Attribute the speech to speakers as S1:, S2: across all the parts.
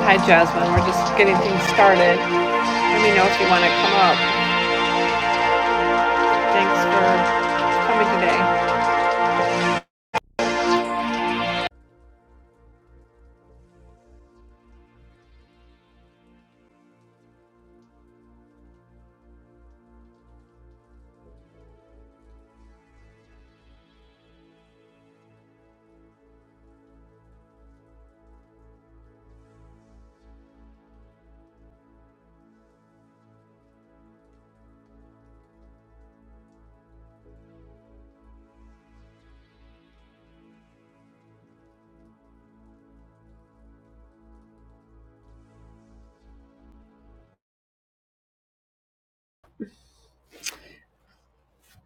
S1: Hi, Jasmine. We're just getting things started. Let me know if you want to come up. Thanks for coming today.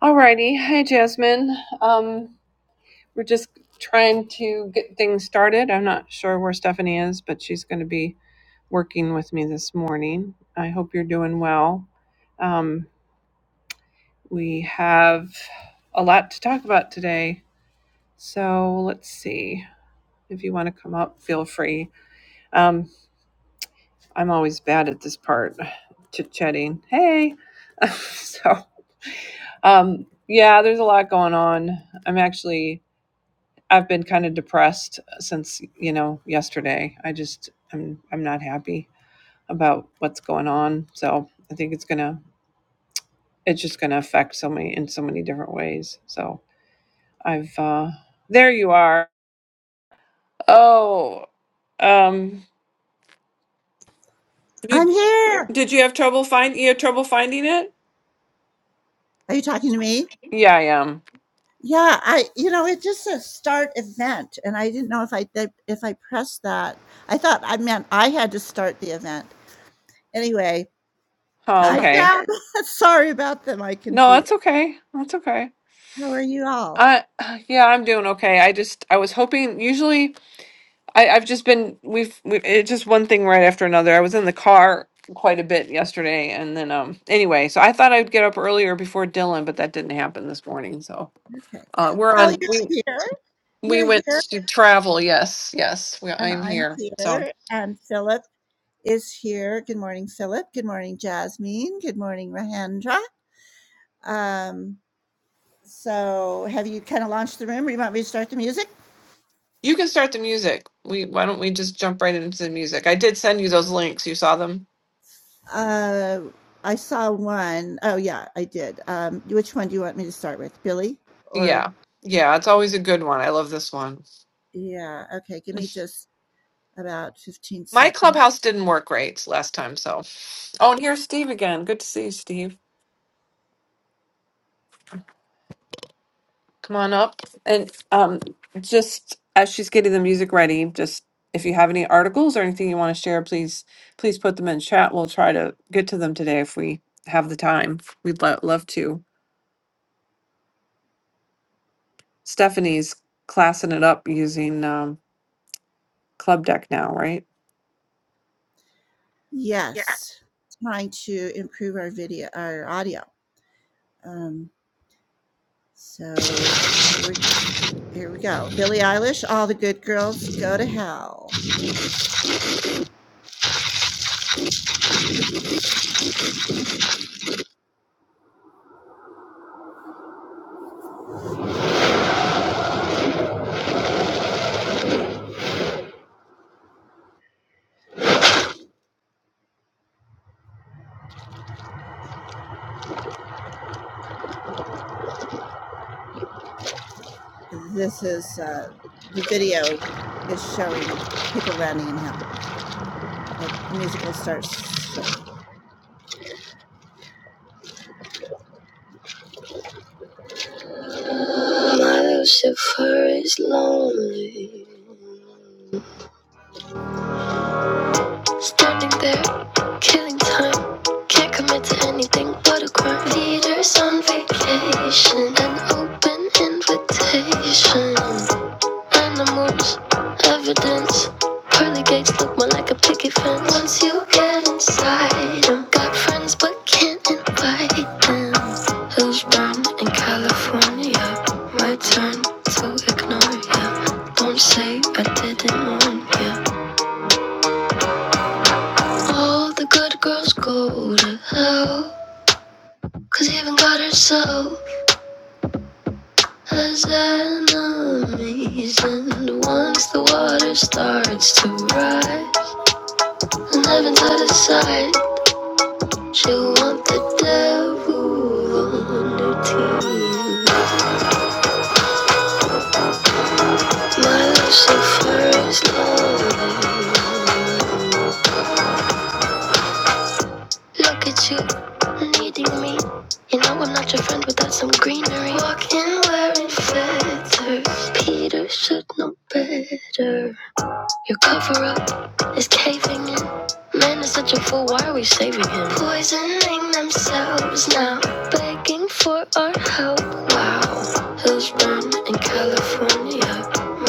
S1: Alrighty. Hi, Jasmine. Um, we're just trying to get things started. I'm not sure where Stephanie is, but she's going to be working with me this morning. I hope you're doing well. Um, we have a lot to talk about today. So let's see. If you want to come up, feel free. Um, I'm always bad at this part, chit chatting. Hey, so um, yeah, there's a lot going on. I'm actually I've been kind of depressed since you know yesterday. I just I'm I'm not happy about what's going on. So I think it's gonna it's just gonna affect so many in so many different ways. So I've uh, there you are. Oh, um, did, did you have trouble find you had trouble finding it? Yeah, I am. Oh, okay. No, that's okay. That's okay. I yeah, I'm doing okay. I just I was hoping usually I I've just been we've we it's just one thing right after another. I was in the car quite a bit yesterday and then um anyway, so I thought I'd get up earlier before Dylan, but that didn't happen this morning. So, uh we're on we we went to travel. Yes. Yes. We, I'm here. So, you can start the music. We why don't we just jump right into the music? I did send you those links. You saw them? Yeah. Yeah, it's always a good one. I love this one. My clubhouse didn't work great last time, so. Oh, and here's Steve again. Good to see you, Steve. Come on up. And um, just as she's getting the music ready, just if you have any articles or anything you want to share, please please put them in chat. We'll try to get to them today if we have the time. We'd lo- love to. Stephanie's classing it up using um, Club Deck now, right?
S2: My Lucifer is lonely. Standing there, killing time. Can't commit to anything but a crime. Leaders on vacation, an open invitation. Animals, evidence. Pearly gates look more like a picket fence. Once you get inside, I've got friends but can't invite them. Hills burn in California. My turn to ignore ya. Don't say I didn't warn ya. All the good girls go to hell, 'cause even God herself has enemies. And once the water starts to rise. Living to the side, she want the devil on her team. My love, she first love. Look at you, needing me. You know I'm not your friend without some greenery. Walking wearing feathers, Peter should know better. You cover up. is caving in. Man is such a fool, why are we saving him? Poisoning themselves now, begging for our help. Wow, hills burn in California.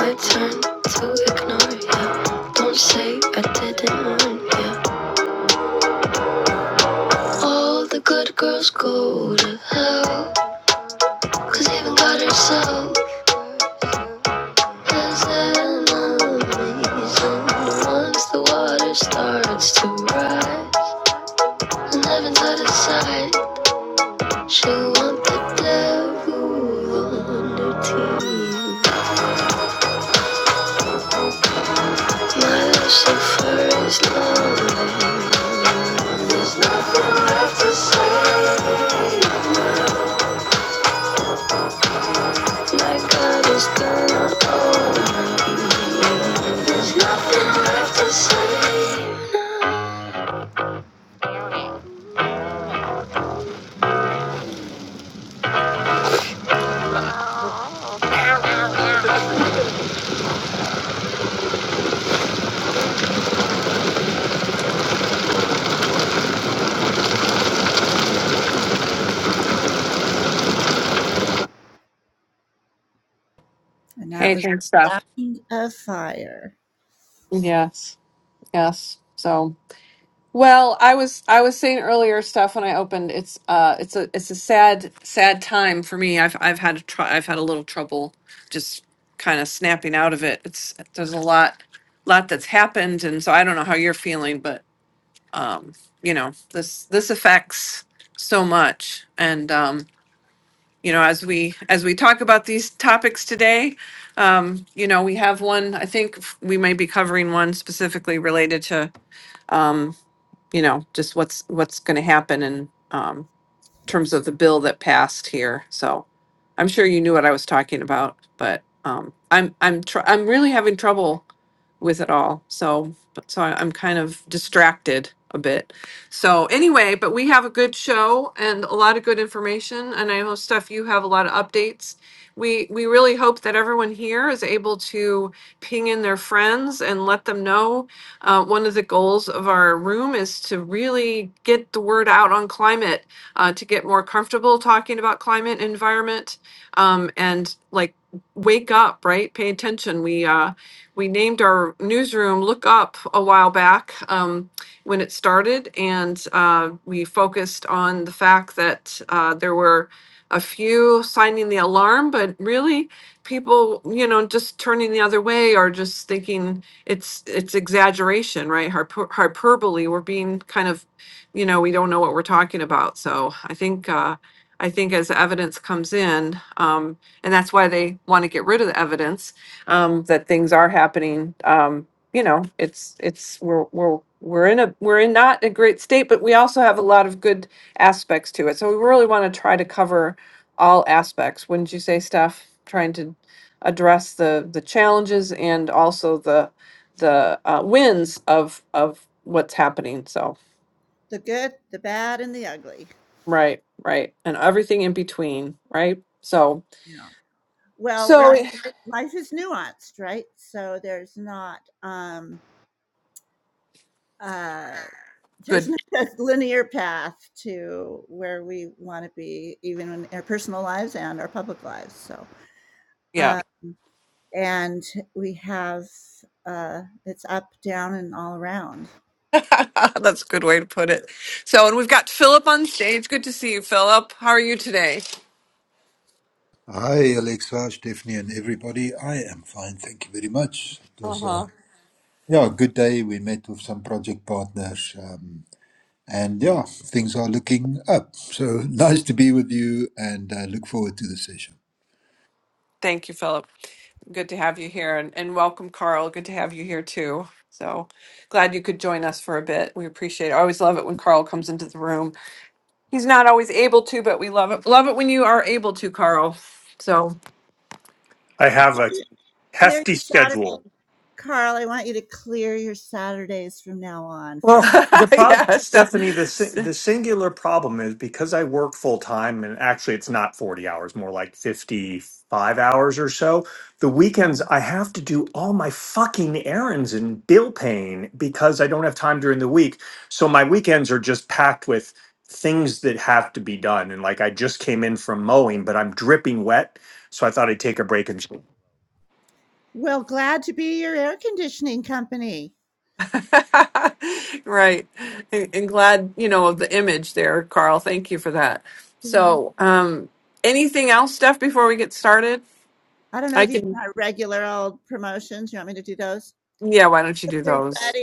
S2: My turn to ignore ya. Don't say I didn't warn ya. All the good girls go to hell, cause even God herself. There's enemies and once the water starts to rise, and heaven's out of sight. She want the devil on her team. My Lucifer is long. nothing Left to say, my God is gonna own. There's nothing left to say.
S1: Hey, thanks, Steph. Yes, yes. So. Well, I was I was saying earlier stuff when I opened. It's uh, it's a it's a sad sad time for me. I've I've had a tr- I've had a little trouble just kind of snapping out of it. It's there's a lot lot that's happened, and so I don't know how you're feeling, but um, you know this this affects so much, and um, you know as we as we talk about these topics today, um, you know we have one. I think we may be covering one specifically related to. um, you know, just what's, what's going to happen and, um, terms of the bill that passed here. So I'm sure you knew what I was talking about, but um, I'm I'm tr- I'm really having trouble with it all. So so I- I'm kind of distracted a bit. So anyway, but we have a good show and a lot of good information, and I know stuff you have a lot of updates. We we really hope that everyone here is able to ping in their friends and let them know. Uh, one of the goals of our room is to really get the word out on climate uh, to get more comfortable talking about climate and environment um, and like wake up right pay attention we uh, we named our newsroom look up a while back um, when it started and uh, we focused on the fact that uh, there were a few signing the alarm but really people you know just turning the other way or just thinking it's it's exaggeration right Hyper, hyperbole we're being kind of you know, we don't know what we're talking about. So I think, uh, I think as evidence comes in, um, and that's why they want to get rid of the evidence, um, that things are happening. Um, you know, it's, it's, we're, we're, we're in a, we're in not a great state, but we also have a lot of good aspects to it. So we really want to try to cover all aspects. Wouldn't you say, Steph? Trying to address the, the challenges and also the, the uh, wins of, of what's happening. So. Right, right. And everything in between, right? So, so Right. good. Yeah. That's a good way to put it. So, and we've got Philip on stage. Good to see you, Philip. How are you today?
S3: Hi, Alexa, Stephanie, and everybody. I am fine, thank you very much. It was a
S1: Uh-huh.
S3: yeah, good day. We met with some project partners, um, and yeah, things are looking up. So nice to be with you, and uh, look forward to the session.
S1: Thank you, Philip. Good to have you here and, and welcome, Carl. Good to have you here too. So glad you could join us for a bit. We appreciate it. I always love it when Carl comes into the room. He's not always able to, but we love it. Love it when you are able to, Carl. So
S4: I have a hefty schedule. Well, the problem,
S1: yes.
S4: Stephanie, the si- the singular problem is because I work full time, and actually it's not forty hours, more like fifty five hours or so. The weekends I have to do all my fucking errands and bill paying because I don't have time during the week. So my weekends are just packed with things that have to be done. And like I just came in from mowing, but I'm dripping wet, so I thought I'd take a break and.
S1: Right. And, and glad, you know, of the image there, Carl. Thank you for that. So, um, anything else, Steph, before we get started? I can, yeah, why don't you do those?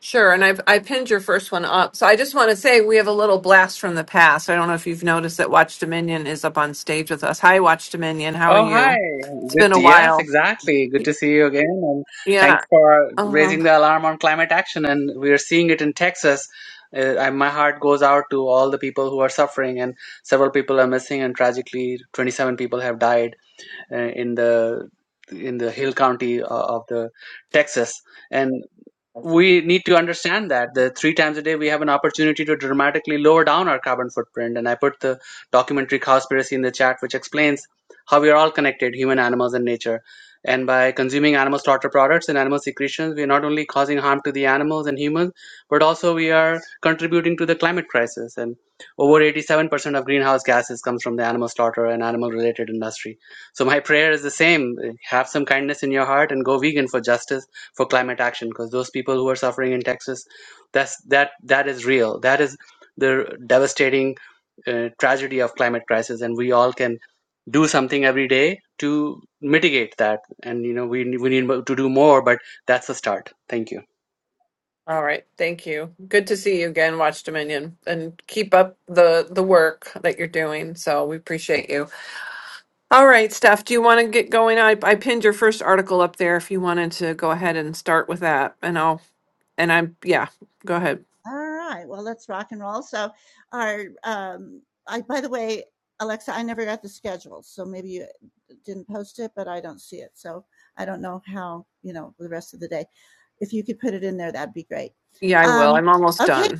S1: Sure. And I've, I pinned your first one up. So I just want to say we have a little blast from the past. I don't know if you've noticed that Watch Dominion is up on stage with us. Hi, Watch Dominion. How are
S5: Oh, hi.
S1: you? It's
S5: Good
S1: been a
S5: to, yes,
S1: while.
S5: exactly. Good to see you again. And
S1: Yeah.
S5: thanks for
S1: Uh-huh.
S5: raising the alarm on climate action. And we are seeing it in Texas. Uh, I, my heart goes out to all the people who are suffering, and several people are missing. And tragically, 27 people have died uh, in the in the Hill County uh, of the Texas. And we need to understand that the three times a day we have an opportunity to dramatically lower down our carbon footprint and i put the documentary cowspiracy in the chat which explains how we are all connected human animals and nature and by consuming animal slaughter products and animal secretions we are not only causing harm to the animals and humans but also we are contributing to the climate crisis and over 87% of greenhouse gases comes from the animal slaughter and animal related industry so my prayer is the same have some kindness in your heart and go vegan for justice for climate action because those people who are suffering in Texas, that's that that is real. That is the devastating uh, tragedy of climate crisis, and we all can do something every day to mitigate that. And you know, we we need to do more, but that's a start. Thank you.
S1: All right. Thank you. Good to see you again, Watch Dominion, and keep up the the work that you're doing. So we appreciate you. All right, Steph, do you want to get going? I, I pinned your first article up there if you wanted to go ahead and start with that. And I'll, and I'm, yeah, go ahead. Yeah, I will. I'm almost done.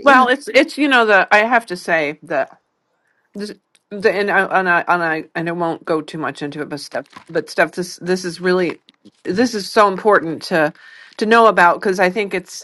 S1: Well, it's, it's, you know, the, I have to say that this, the, and I, and I, and I, and I won't go too much into it, but stuff, but stuff, this, this is really, this is so important to, to know about because I think it's,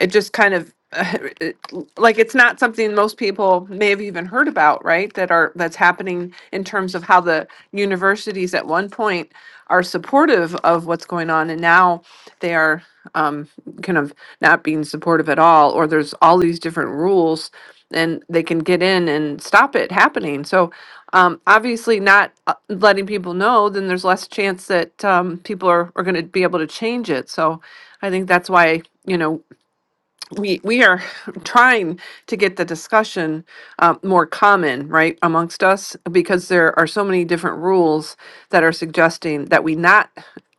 S1: it just kind of it, like it's not something most people may have even heard about right that are that's happening in terms of how the universities at one point are supportive of what's going on and now they are um, kind of not being supportive at all or there's all these different rules and they can get in and stop it happening so um, obviously not uh, letting people know then there's less chance that um, people are, are going to be able to change it so i think that's why you know we we are trying to get the discussion uh, more common right amongst us because there are so many different rules that are suggesting that we not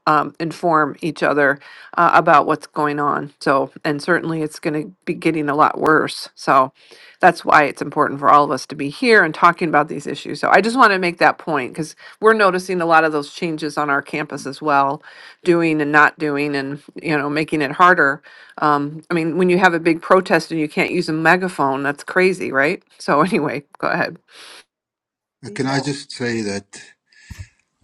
S1: um, inform each other uh, about what's going on so and certainly it's going to be getting a lot worse so that's why it's important for all of us to be here and talking about these issues so i just want to make that point because we're noticing a lot of those changes on our campus as well doing and not doing and you know making it harder um, I mean, when you have a big protest and you can't use a megaphone, that's crazy, right? So anyway, go ahead.
S3: Uh, Can I just say that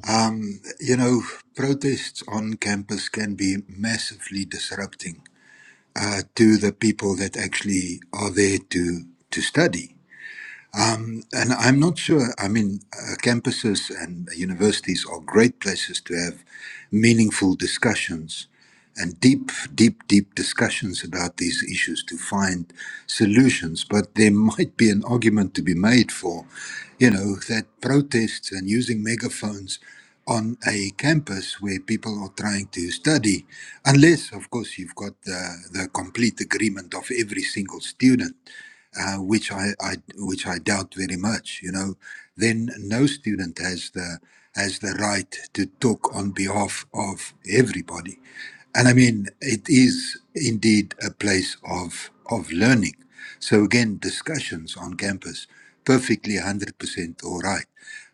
S3: um, you know protests on campus can be massively disrupting uh, to the people that actually are there to to study and I'm not sure. I mean, uh, campuses and universities are great places to have meaningful discussions and deep, deep, deep discussions about these issues to find solutions. But there might be an argument to be made for, you know, that protests and using megaphones on a campus where people are trying to study, unless, of course, you've got the, the complete agreement of every single student uh, which I, I which I doubt very much. You know, then no student has the has the right to talk on behalf of everybody, and I mean it is indeed a place of of learning. So again, discussions on campus perfectly one hundred percent all right.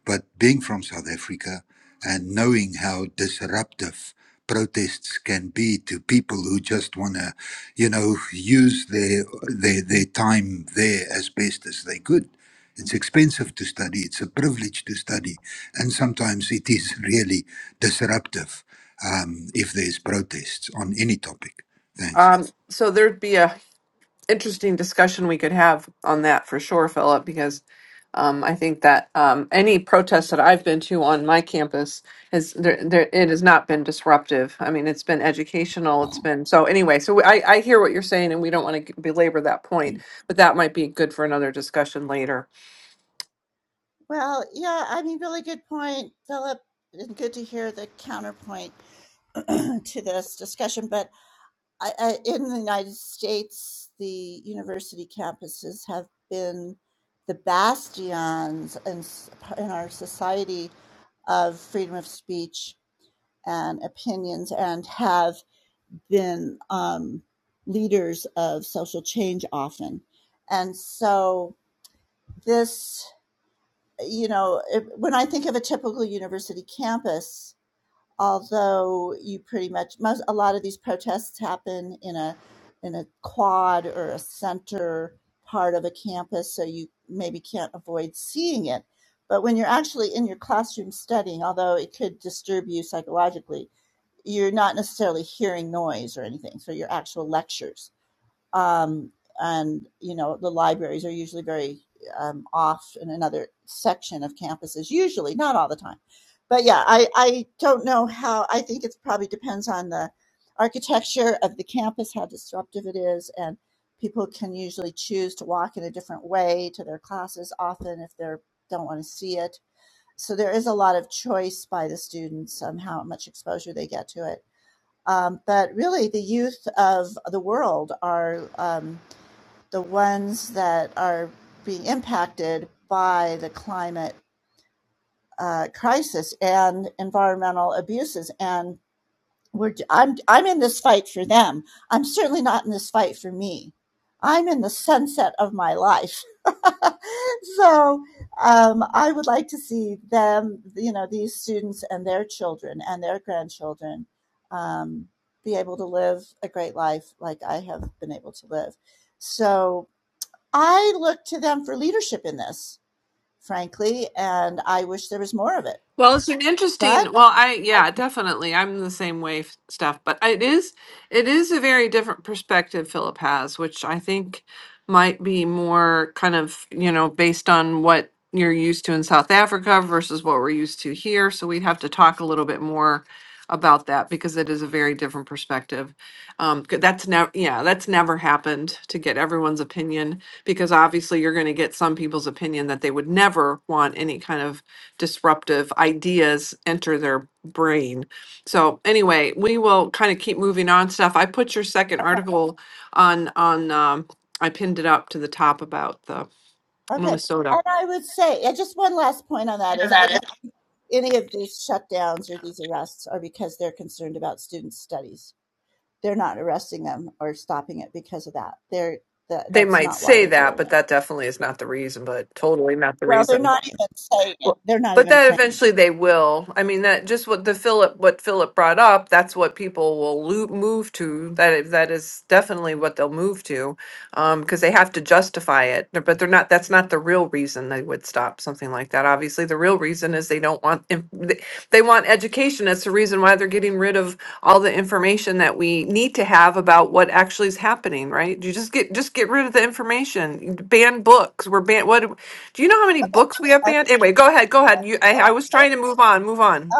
S3: But being from South Africa and knowing how disruptive protests can be to people who just want to, you know, use their, their their time there as best as they could. It's expensive to study. It's a privilege to study, and sometimes it is really disruptive um, if there's protests on any topic. Thanks.
S1: Um, so there'd be a interesting discussion we could have on that for sure, Philip, because um, I think that um, any protest that I've been to on my campus has there, there it has not been disruptive. I mean, it's been educational. It's been so anyway. So I, I hear what you're saying, and we don't want to belabor that point, but that might be good for another discussion later. Well, it's an interesting. Well, I yeah, definitely. I'm the same way, f- stuff. But it is it is a very different perspective Philip has, which I think might be more kind of you know based on what you're used to in South Africa versus what we're used to here. So we'd have to talk a little bit more about that because it is a very different perspective. Um, 'cause that's never yeah, that's never happened to get everyone's opinion because obviously you're going to get some people's opinion that they would never want any kind of disruptive ideas enter their brain. So anyway, we will kind of keep moving on stuff. I put your second article on on um, I pinned it up to the top about the Minnesota. I know that is. They might say that, but that definitely is not the reason, but totally not the reason. Well, but that eventually they will. I mean, that just what the Philip what Philip brought up. That's what people will lo- move to. That i- that is definitely what they'll move to, um, because they have to justify it. They're- But they're not. That's not the real reason they would stop something like that. Obviously, the real reason is they don't want. in- They they want education. That's the reason why they're getting rid of all the information that we need to have about what actually is happening. Right? You just get just get rid of the information. Ban books. We're ban. What? Do you know how many books we have banned? Anyway, go ahead. Go ahead. You, I, I was trying to move on. Move on.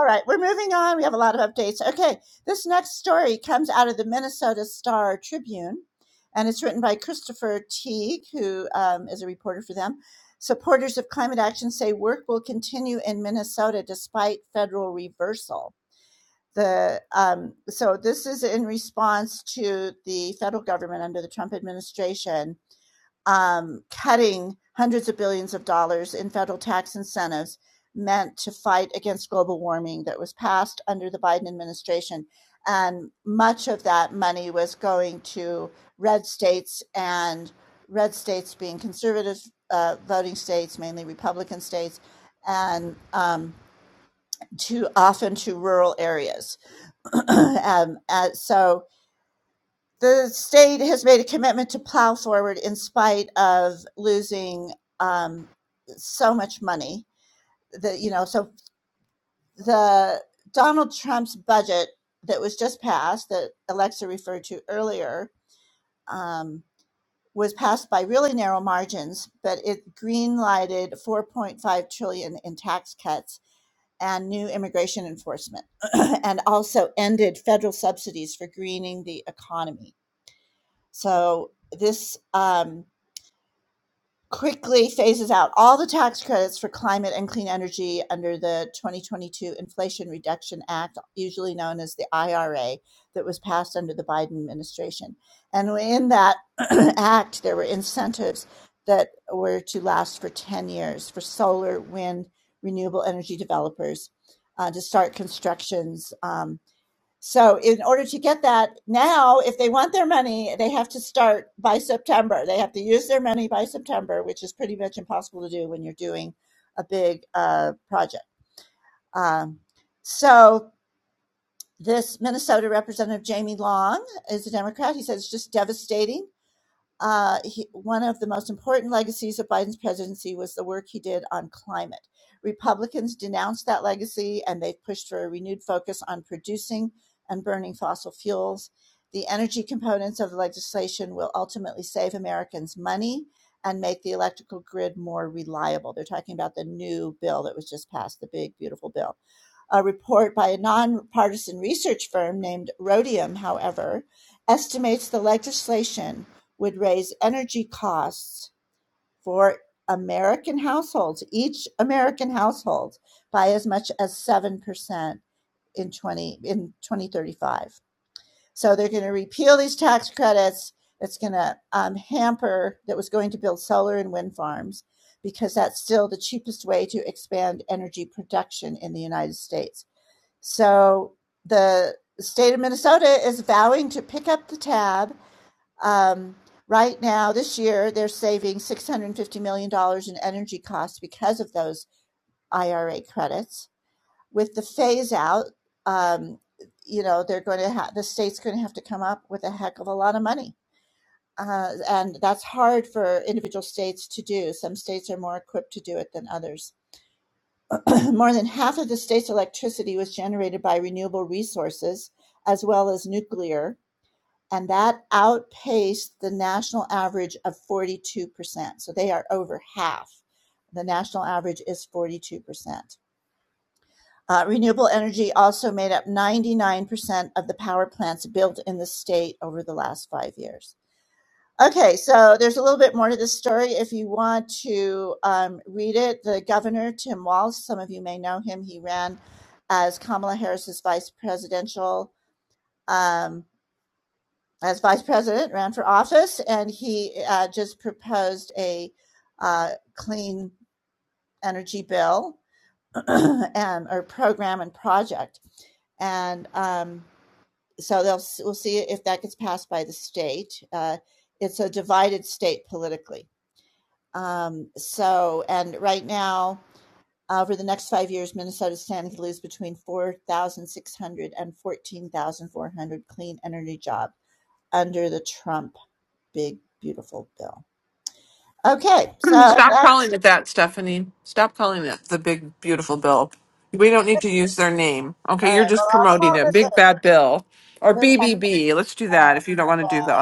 S1: Stop calling it that, Stephanie. Stop calling it the big, beautiful bill. We don't need to use their name. Okay, you're just promoting it. Big Bad Bill or BBB. Let's do that if you don't want to do the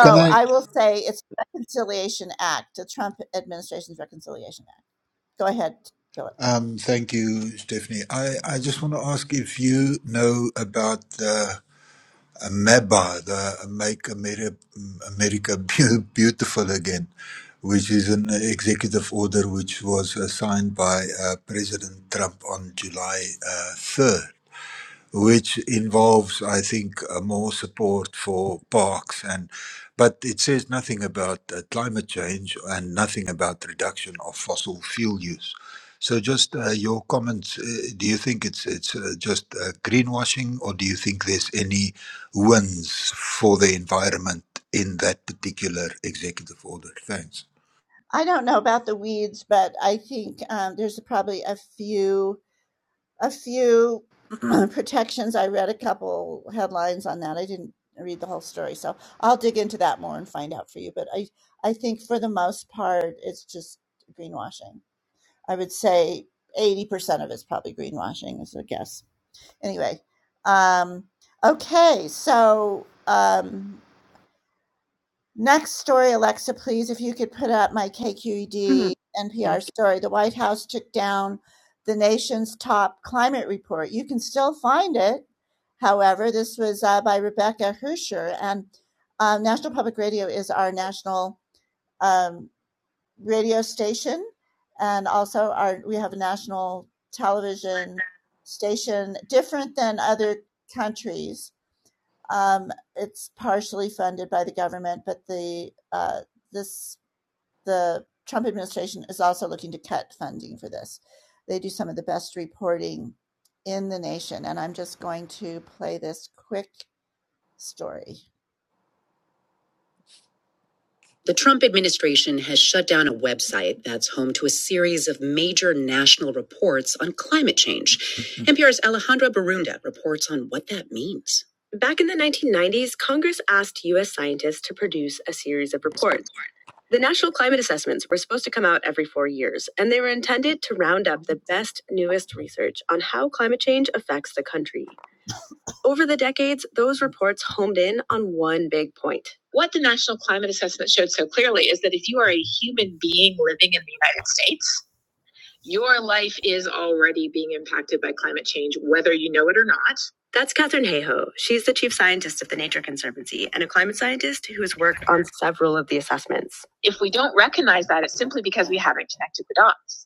S3: Can I? Um, thank you, Stephanie. I, I just want to ask if you know about the. MEBA, the Make America, America Beau- Beautiful Again, which is an executive order which was uh, signed by uh, President Trump on July uh, 3rd which involves, I think, uh, more support for parks and, but it says nothing about uh, climate change and nothing about reduction of fossil fuel use. So, just uh, your comments. Uh, do you think it's it's uh, just uh, greenwashing, or do you think there's any wins for the environment in that particular executive order? Thanks.
S1: other.
S2: The Trump administration has shut down a website that's home to a series of major national reports on climate change. NPR's Alejandra Barunda reports on what that means. Back in the 1990s, Congress asked U.S. scientists to produce a series of reports. The national climate assessments were supposed to come out every four years, and they were intended to round up the best, newest research on how climate change affects the country. Over the decades, those reports homed in on one big point. What the National Climate Assessment showed so clearly is that if you are a human being living in the United States, your life is already being impacted by climate change, whether you know it or not. That's Katherine Hayhoe. She's the chief scientist of the Nature Conservancy and a climate scientist who has worked on several of the assessments. If we don't recognize that, it's simply because we haven't connected the dots.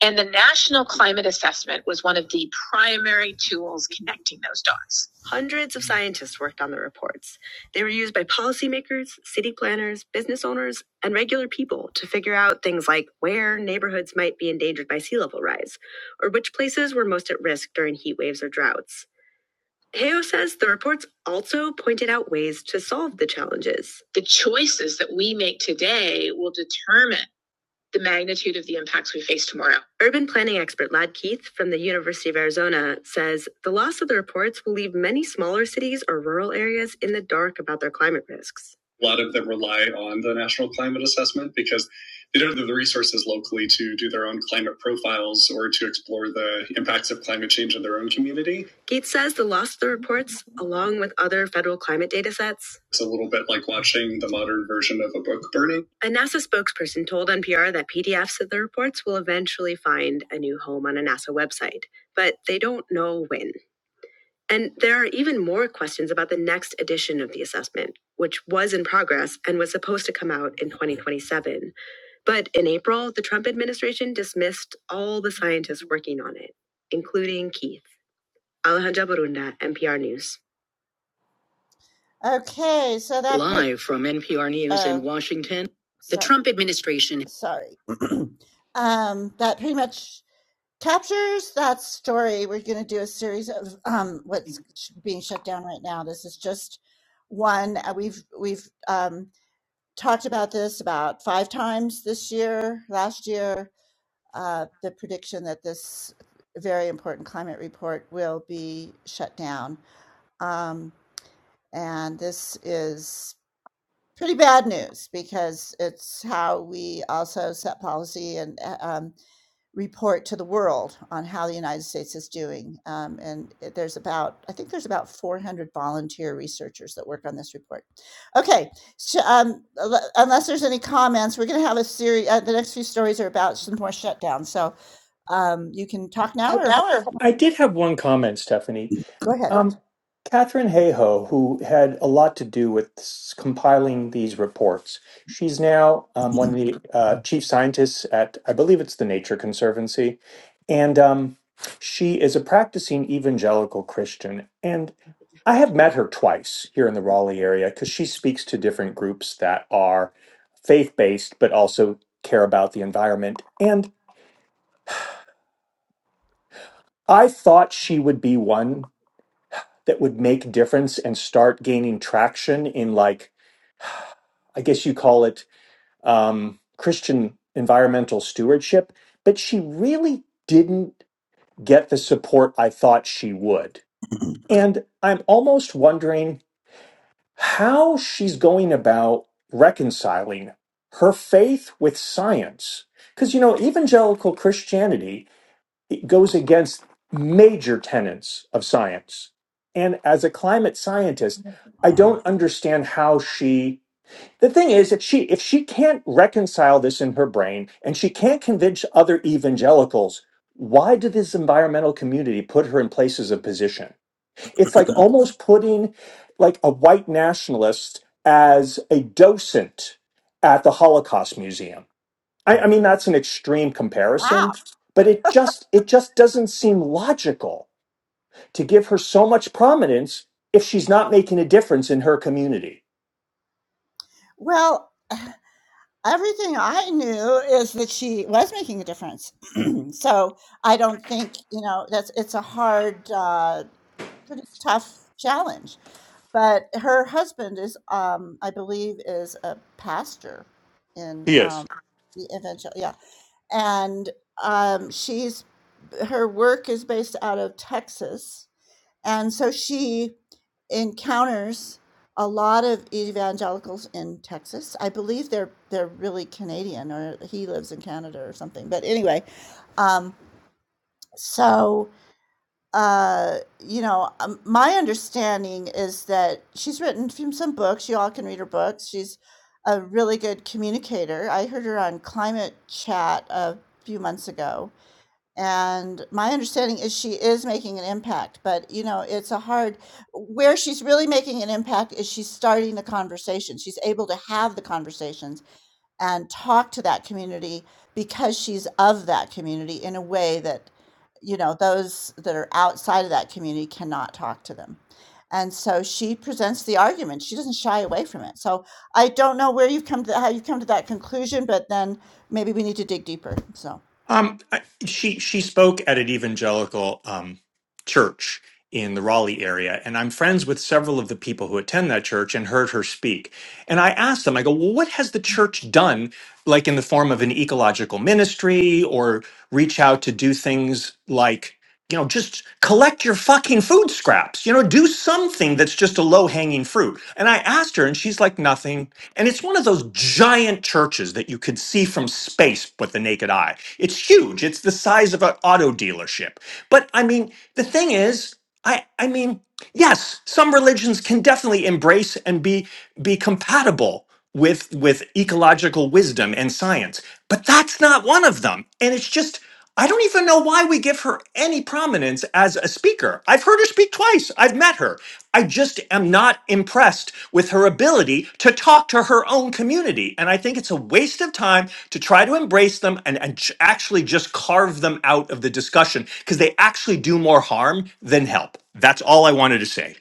S2: And the National Climate Assessment was one of the primary tools connecting those dots. Hundreds of scientists worked on the reports. They were used by policymakers, city planners, business owners, and regular people to figure out things like where neighborhoods might be endangered by sea level rise, or which places were most at risk during heat waves or droughts. Heo says the reports also pointed out ways to solve the challenges. The choices that we make today will determine the magnitude of the impacts we face tomorrow. Urban planning expert Lad Keith from the University of Arizona says the loss of the reports will leave many smaller cities or rural areas in the dark about their climate risks. A lot of them rely on the National Climate Assessment because they don't have the resources locally to do their own climate profiles or to explore the impacts of climate change in their own community. Keith says the loss of the reports, along with other federal climate data sets, It's a little bit like watching the modern version of a book burning. A NASA spokesperson told NPR that PDFs of the reports will eventually find a new home on a NASA website, but they don't know when. And there are even more questions about the next edition of the assessment, which was in progress and was supposed to come out in 2027. But in April, the Trump administration dismissed all the scientists working on it, including Keith. Alejandra Barunda, NPR News. From NPR News, Washington. Trump administration
S4: I I did have one comment, Stephanie. Um, Catherine Hayhoe, who had a lot to do with s- compiling these reports, she's now um, one of the uh, chief scientists at, I believe it's the Nature Conservancy, and um, she is a practicing evangelical Christian. And I have met her twice here in the Raleigh area because she speaks to different groups that are faith based but also care about the environment. And I thought she would be one that would make difference and start gaining traction in like i guess you call it um, christian environmental stewardship but she really didn't get the support i thought she would and i'm almost wondering how she's going about reconciling her faith with science because you know evangelical christianity it goes against major tenets of science. And as a climate scientist, I don't understand how she the thing is that she if she can't reconcile this in her brain and she can't convince other evangelicals why did this environmental community put her in places of position it's like almost putting like a white nationalist as a docent at the holocaust museum I, I mean, that's an extreme comparison, but it just it just doesn't seem logical to give her so much prominence if she's not making a difference in her community. Yes. Um, I- she she spoke at an evangelical um, church in the Raleigh area, and I'm friends with several of the people who attend that church and heard her speak. And I asked them, I go, well, what has the church done, like in the form of an ecological ministry or reach out to do things like you know just collect your fucking food scraps you know do something that's just a low hanging fruit and i asked her and she's like nothing and it's one of those giant churches that you could see from space with the naked eye. It's huge. It's the size of an auto dealership. But I mean, the thing is, I I mean, yes, some religions can definitely embrace and be be compatible with with ecological wisdom and science, but that's not one of them. And it's just I don't even know why we give her any prominence as a speaker. I've heard her speak twice. I've met her. I just am not impressed with her ability to talk to her own community. And I think it's a waste of time to try to embrace them and, and ch- actually just carve them out of the discussion because they actually do more harm than help. That's all I wanted to say.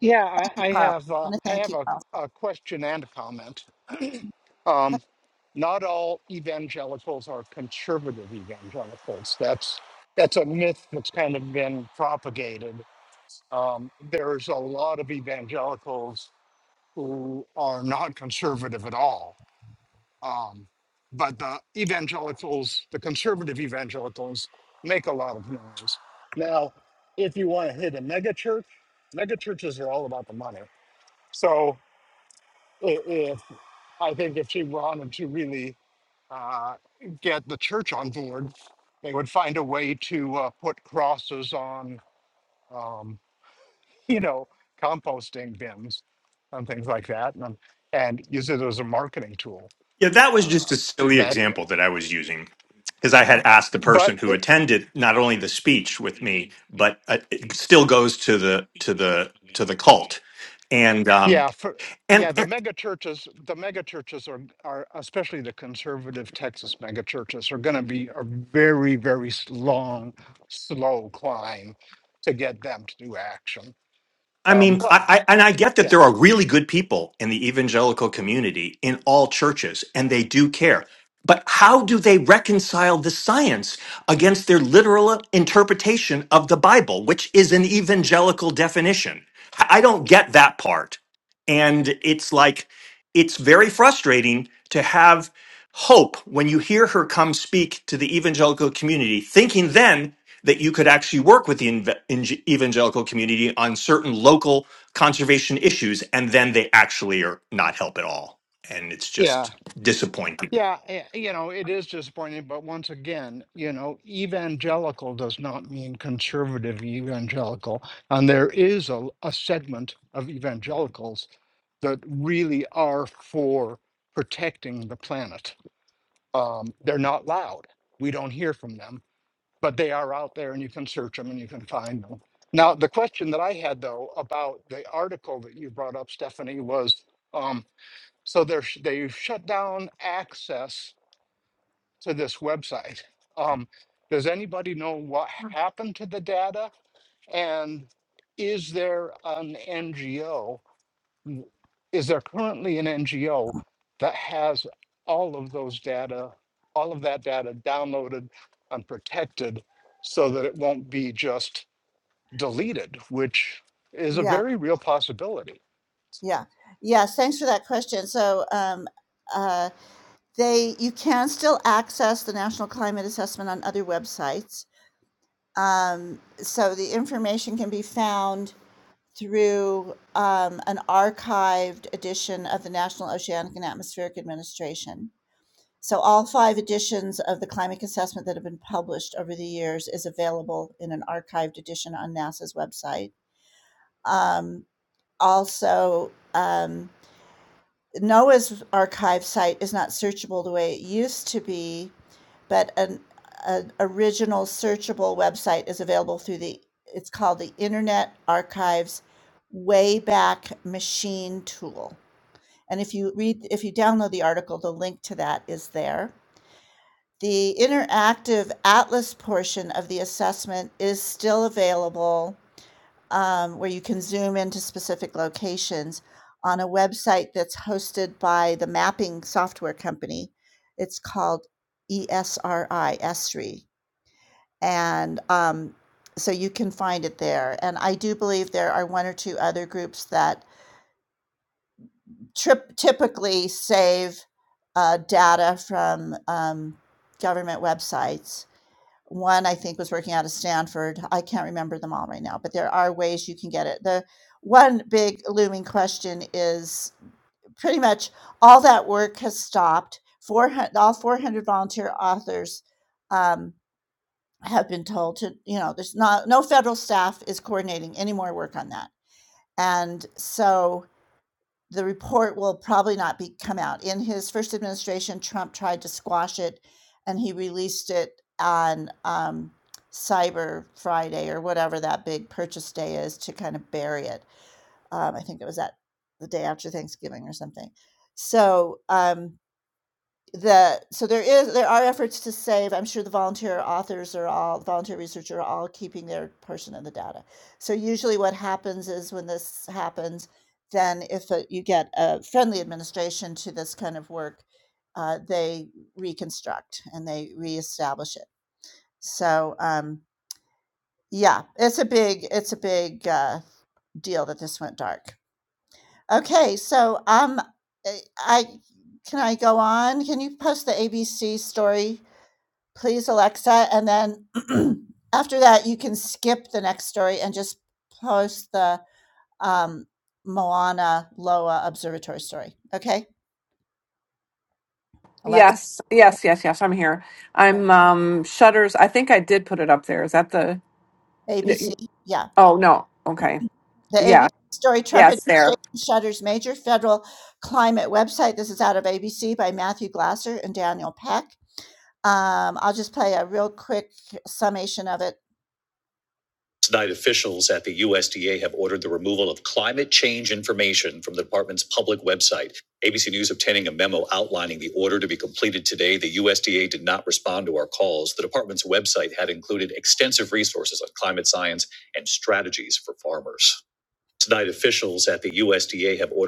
S6: Yeah, I, I have uh, I have a, a question and a comment. Um, not all evangelicals are conservative evangelicals. That's that's a myth that's kind of been propagated. Um, there's a lot of evangelicals who are not conservative at all. Um, but the evangelicals, the conservative evangelicals, make a lot of noise. Now, if you want to hit a megachurch, megachurches are all about the money. So i- if I think if she wanted to really uh, get the church on board, they would find a way to uh, put crosses on, um, you know, composting bins and things like that, and, and use it as a marketing tool.
S4: Yeah, that was
S6: Uh,
S4: just a silly
S6: that,
S4: example that I was using. because I had asked the
S6: but
S4: person who attended not only the speech with me, but uh, it still goes to the to the to the cult, and um
S6: Yeah, for,
S4: and
S6: yeah, the mega churches, the mega churches are, are, especially the conservative Texas mega churches are gonna be a very, very s- long, slow climb to get them to do action.
S4: I
S6: Um,
S4: mean,
S6: but
S4: I, I and I get that
S6: yeah,
S4: there are really good people in the evangelical community in all churches, and they do care. But how do they reconcile the science against their literal interpretation of the Bible, which is an evangelical definition? I I don't get that part. And it's like, it's very frustrating to have hope when you hear her come speak to the evangelical community, thinking then that you could actually work with the inve- inge- evangelical community on certain local conservation issues, and then they actually are not help at all. And it's
S6: yeah,
S4: just disappointing.
S6: yeah, eh, you know, it is disappointing, but once again, you know, evangelical does not mean conservative evangelical. And there is a, a segment of evangelicals that really are for protecting the planet Um, they're not loud. We don't hear from them, but they are out there and you can search them and you can find them. Now, the question that I had though about the article that you brought up, Stephanie, was um, so they're, sh- they've shut down access to this website. Um, does anybody know what happened to the data? And is there an NGO w- is there currently an NGO that has all of those data, all of that data downloaded and protected so that it won't be just deleted, which is a very real possibility.
S1: Yes, yes, yes, yes. I'm here. I'm um shutters. I think I did put it up there. Is that the? Oh no. Okay. Yeah. Yeah, it's there.
S2: Tonight, officials at the USDA have ordered the removal of climate change information from the department's public website. ABC News obtaining a memo outlining the order to be completed today. The USDA did not respond to our calls. The department's website had included extensive resources on climate science and strategies for farmers. Tonight, officials at the USDA have ordered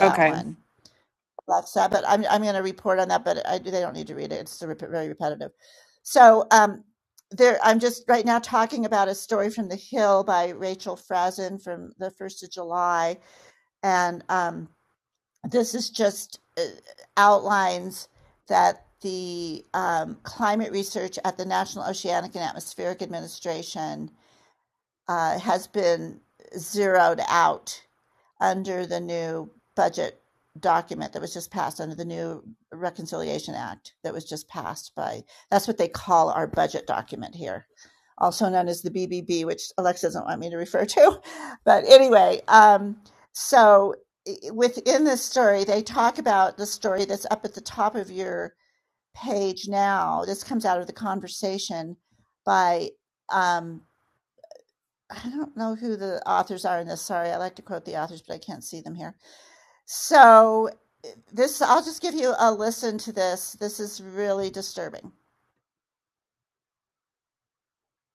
S1: Okay.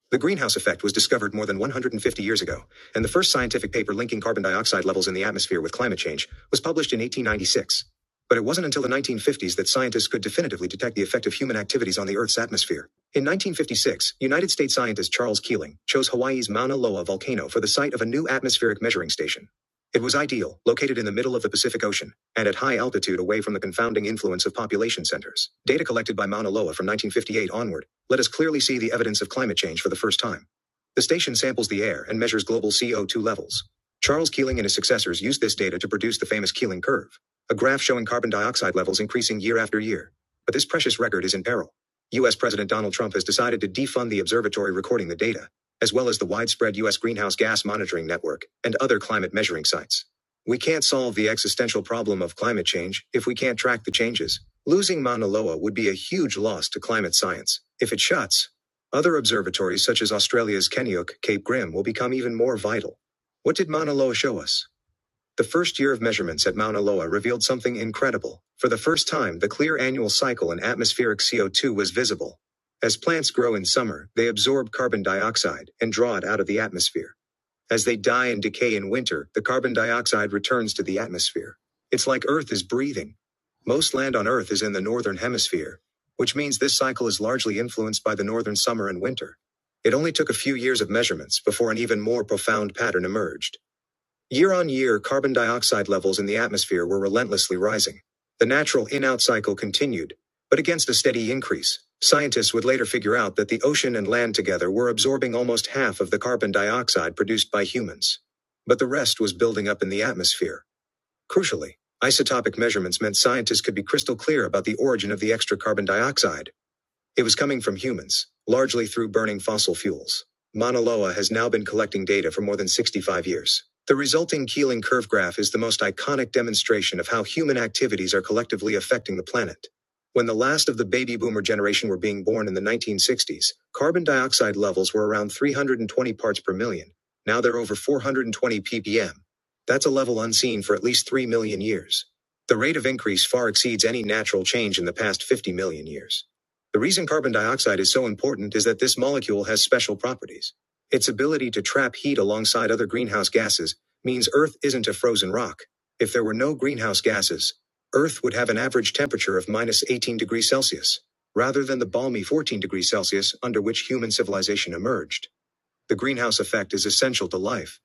S2: The greenhouse effect was discovered more than 150 years ago, and the first scientific paper linking carbon dioxide levels in the atmosphere with climate change was published in 1896. But it wasn't until the 1950s that scientists could definitively detect the effect of human activities on the Earth's atmosphere. In 1956, United States scientist Charles Keeling chose Hawaii's Mauna Loa volcano for the site of a new atmospheric measuring station. It was ideal, located in the middle of the Pacific Ocean, and at high altitude away from the confounding influence of population centers. Data collected by Mauna Loa from 1958 onward let us clearly see the evidence of climate change for the first time. The station samples the air and measures global CO2 levels. Charles Keeling and his successors used this data to produce the famous Keeling curve, a graph showing carbon dioxide levels increasing year after year. But this precious record is in peril. US President Donald Trump has decided to defund the observatory recording the data, as well as the widespread US greenhouse gas monitoring network and other climate measuring sites. We can't solve the existential problem of climate change if we can't track the changes. Losing Mauna Loa would be a huge loss to climate science if it shuts. Other observatories such as Australia's Kenyuk, Cape Grim will become even more vital. What did Mauna Loa show us? The first year of measurements at Mauna Loa revealed something incredible. For the first time, the clear annual cycle in atmospheric CO2 was visible. As plants grow in summer, they absorb carbon dioxide and draw it out of the atmosphere. As they die and decay in winter, the carbon dioxide returns to the atmosphere. It's like Earth is breathing. Most land on Earth is in the northern hemisphere, which means this cycle is largely influenced by the northern summer and winter. It only took a few years of measurements before an even more profound pattern emerged. Year on year, carbon dioxide levels in the atmosphere were relentlessly rising. The natural in out cycle continued, but against a steady increase. Scientists would later figure out that the ocean and land together were absorbing almost half of the carbon dioxide produced by humans. But the rest was building up in the atmosphere. Crucially, isotopic measurements meant scientists could be crystal clear about the origin of the extra carbon dioxide. It was coming from humans, largely through burning fossil fuels. Mauna Loa has now been collecting data for more than 65 years. The resulting Keeling curve graph is the most iconic demonstration of how human activities are collectively affecting the planet. When the last of the baby boomer generation were being born in the 1960s, carbon dioxide levels were around 320 parts per million. Now they're over 420 ppm. That's a level unseen for at least 3 million years. The rate of increase far exceeds any natural change in the past 50 million years. The reason carbon dioxide is so important is that this molecule has special properties. Its ability to trap heat alongside other greenhouse gases means Earth isn't a frozen rock. If there were no greenhouse gases, Earth would have an average temperature of minus 18 degrees Celsius, rather than the balmy 14 degrees Celsius under which human civilization emerged. The greenhouse effect is essential to life.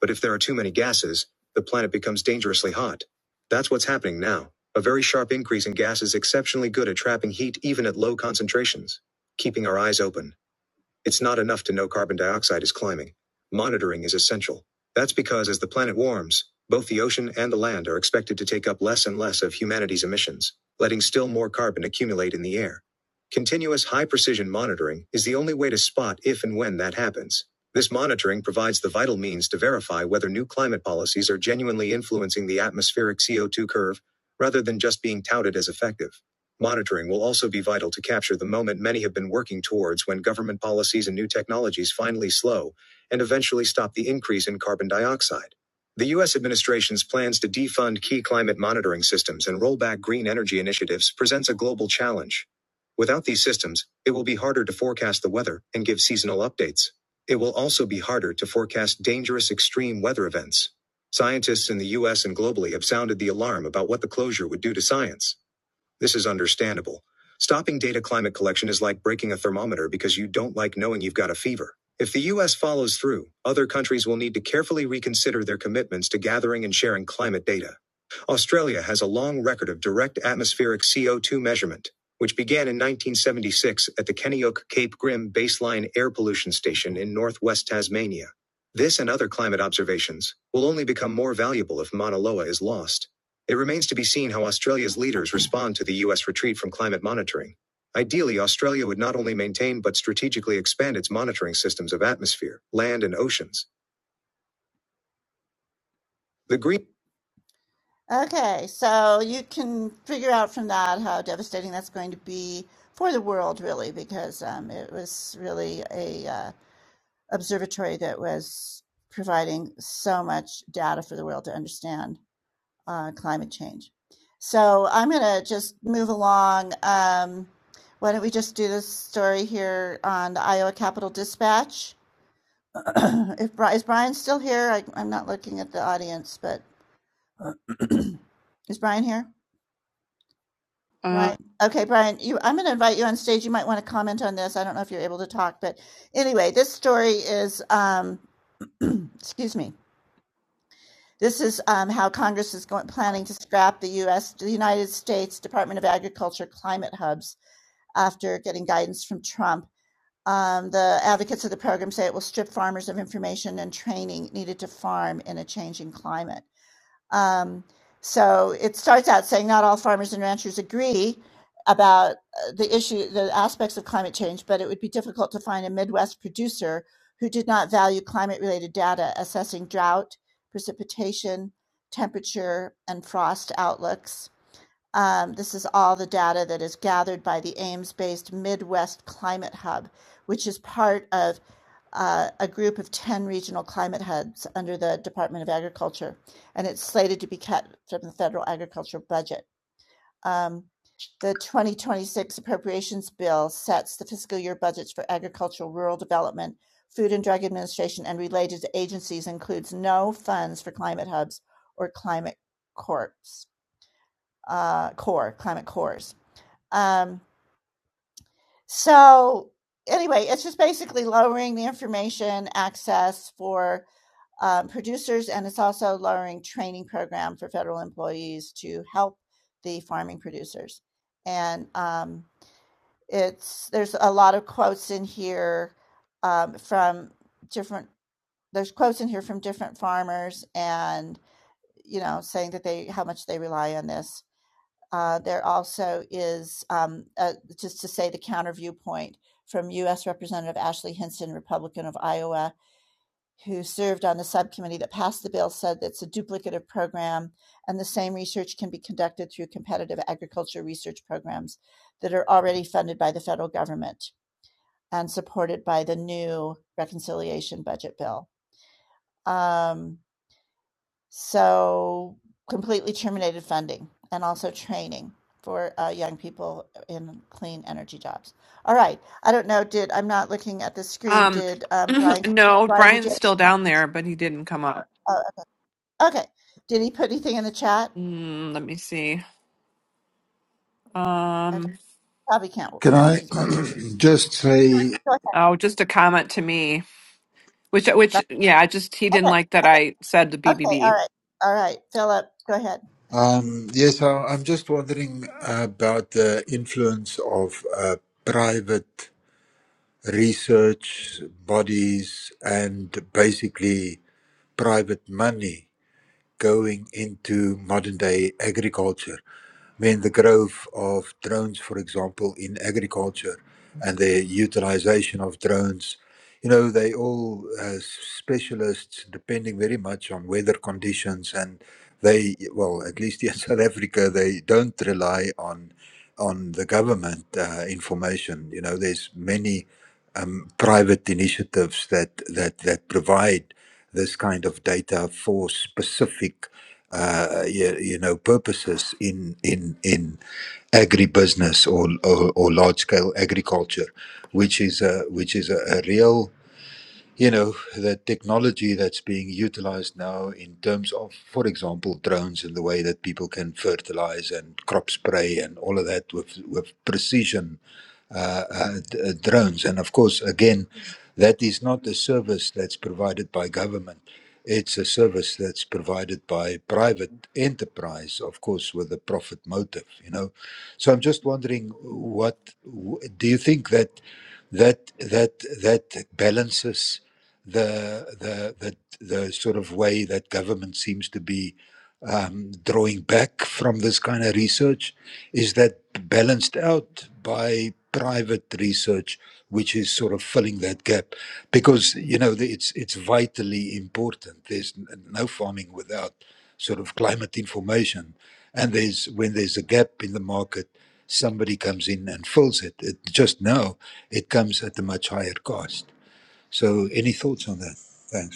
S2: But if there are too many gases, the planet becomes dangerously hot. That's what's happening now. A very sharp increase in gas is exceptionally good at trapping heat even at low concentrations. Keeping our eyes open. It's not enough to know carbon dioxide is climbing. Monitoring is essential. That's because as the planet warms, both the ocean and the land are expected to take up less and less of humanity's emissions, letting still more carbon accumulate in the air. Continuous high precision monitoring is the only way to spot if and when that happens. This monitoring provides the vital means to verify whether new climate policies are genuinely influencing the atmospheric CO2 curve, rather than just being touted as effective. Monitoring will also be vital to capture the moment many have been working towards when government policies and new technologies finally slow and eventually stop the increase in carbon dioxide. The U.S. administration's plans to defund key climate monitoring systems and roll back green energy initiatives presents a global challenge. Without these systems, it will be harder to forecast the weather and give seasonal updates. It will also be harder to forecast dangerous extreme weather events. Scientists in the US and globally have sounded the alarm about what the closure would do to science. This is understandable. Stopping data climate collection is like breaking a thermometer because you don't like knowing you've got a fever. If the US follows through, other countries will need to carefully reconsider their commitments to gathering and sharing climate data. Australia has a long record of direct atmospheric CO2 measurement, which began in 1976 at the Kenyook Cape Grim Baseline Air Pollution Station in northwest Tasmania. This and other climate observations will only become more valuable if Mauna Loa is lost. It remains to be seen how Australia's leaders respond to the US retreat from climate monitoring. Ideally, Australia would not only maintain but strategically expand its monitoring systems of atmosphere, land, and oceans. The Green
S1: Uh, um. no, Brian's still down there, but he didn't come up. Mm, let me see. Um.
S3: Can I just say?
S1: Oh, just a comment to me, which which yeah, I just he didn't like that I said the BBB.
S3: Um, yes, I, I'm just wondering about the influence of uh, private research bodies and basically private money going into modern day agriculture mean the growth of drones, for example, in agriculture and the utilization of drones. You know, they all uh, specialists depending very much on weather conditions, and they well, at least in South Africa, they don't rely on on the government uh, information. You know, there's many um, private initiatives that that that provide this kind of data for specific uh, you, you know purposes in in in agribusiness or or, or large scale agriculture which is a which is a, a real you know, the technology that's being utilized now in terms of, for example, drones and the way that people can fertilize and crop spray and all of that with, with precision uh, uh, d- uh, drones. And of course, again, that is not a service that's provided by government. It's a service that's provided by private enterprise, of course, with a profit motive, you know. So I'm just wondering, what w- do you think that? that that that balances the the the, the sort of way that government seems to be um, drawing back from this kind of research is that balanced out by private research which is sort of filling that gap because you know the, it's it's vitally important there's n- no farming without sort of climate information. And there's when there's a gap in the market, somebody comes in and fills it. it just now, it comes at a much higher cost. So, any thoughts on that? Thanks.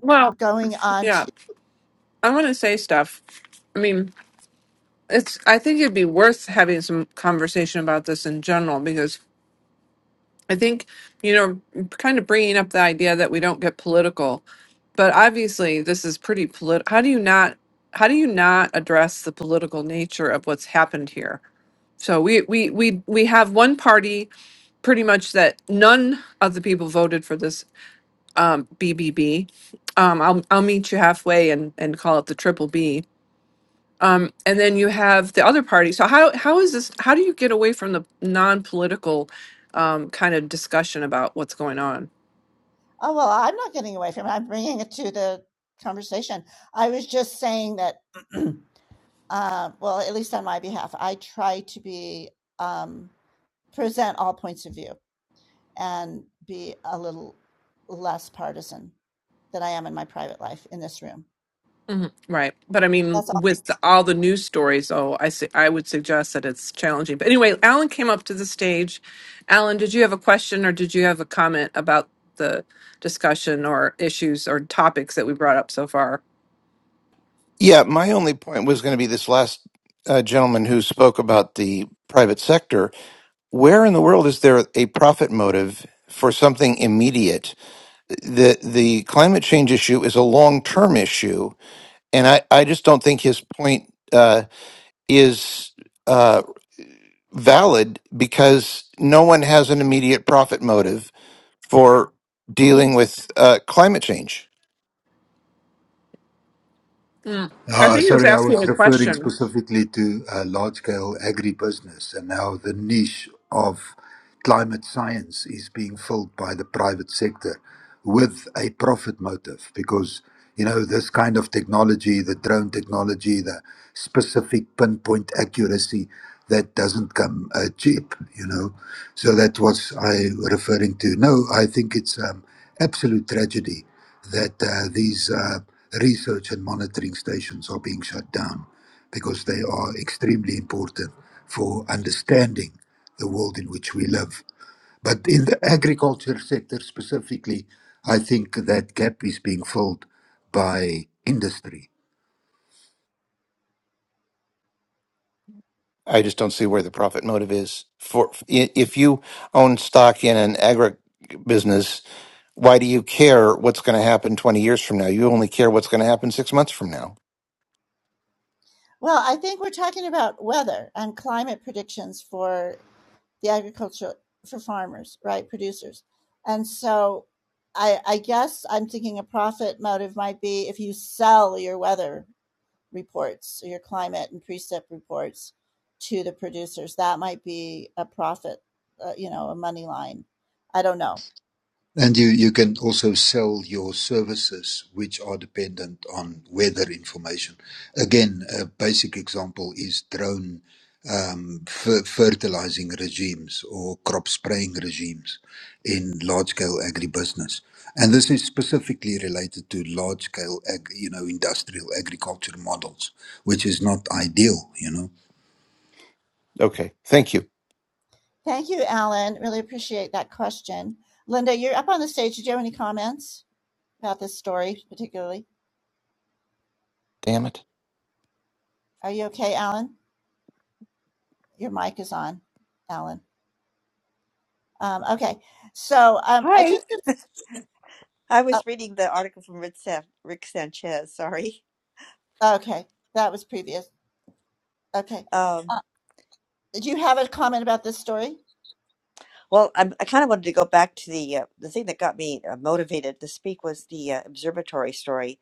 S1: Well, yeah, I want to say stuff. I mean, it's. I think it'd be worth having some conversation about this in general because I think, you know, kind of bringing up the idea that we don't get political, but obviously this is pretty polit. How do you not? How do you not address the political nature of what's happened here? So we we we we have one party pretty much that none of the people voted for this um, BBB. Um, I'll I'll meet you halfway and and call it the triple B. Um, and then you have the other party. So how how is this? How do you get away from the non-political um, kind of discussion about what's going on? Mhm. Right. But I mean, with the, all the news stories, though, I su- I would suggest that it's challenging. But anyway, Alan came up to the stage. Alan, did you have a question or did you have a comment about the discussion or issues or topics that we brought up so far?
S7: Yeah, my only point was going to be this last uh, gentleman who spoke about the private sector. Where in the world is there a profit motive for something immediate? The the climate change issue is a long term issue, and I, I just don't think his point uh, is uh, valid because no one has an immediate profit motive for dealing with uh, climate change.
S1: Mm. I
S3: Uh,
S1: think he was
S3: Sorry, I
S1: asking
S3: was
S1: a
S3: referring
S1: question.
S3: specifically to uh, large-scale agribusiness and how the niche of climate science is being filled by the private sector with a profit motive. Because, you know, this kind of technology, the drone technology, the specific pinpoint accuracy, that doesn't come uh, cheap, you know. So that was I referring to. No, I think it's um, absolute tragedy that uh, these uh, research and monitoring stations are being shut down because they are extremely important for understanding the world in which we live. But in the agriculture sector specifically, I think that gap is being filled by industry
S7: I just don't see where the profit motive is. For i- if you own stock in an agri business, why do you care what's going to happen 20 years from now? You only care what's going to happen 6 months from now.
S3: And you, you can also sell your services, which are dependent on weather information. Again, a basic example is drone um, fer- fertilizing regimes or crop spraying regimes in large scale agribusiness. And this is specifically related to large scale, ag- you know, industrial agriculture models, which is not ideal, you know.
S7: Okay. Thank you. Damn it.
S8: Hi. I was reading the article from Rick, San- Rick Sanchez. Sorry. Um, well, I'm, I kind of wanted to go back to the uh, the thing that got me uh, motivated to speak was the uh, observatory story.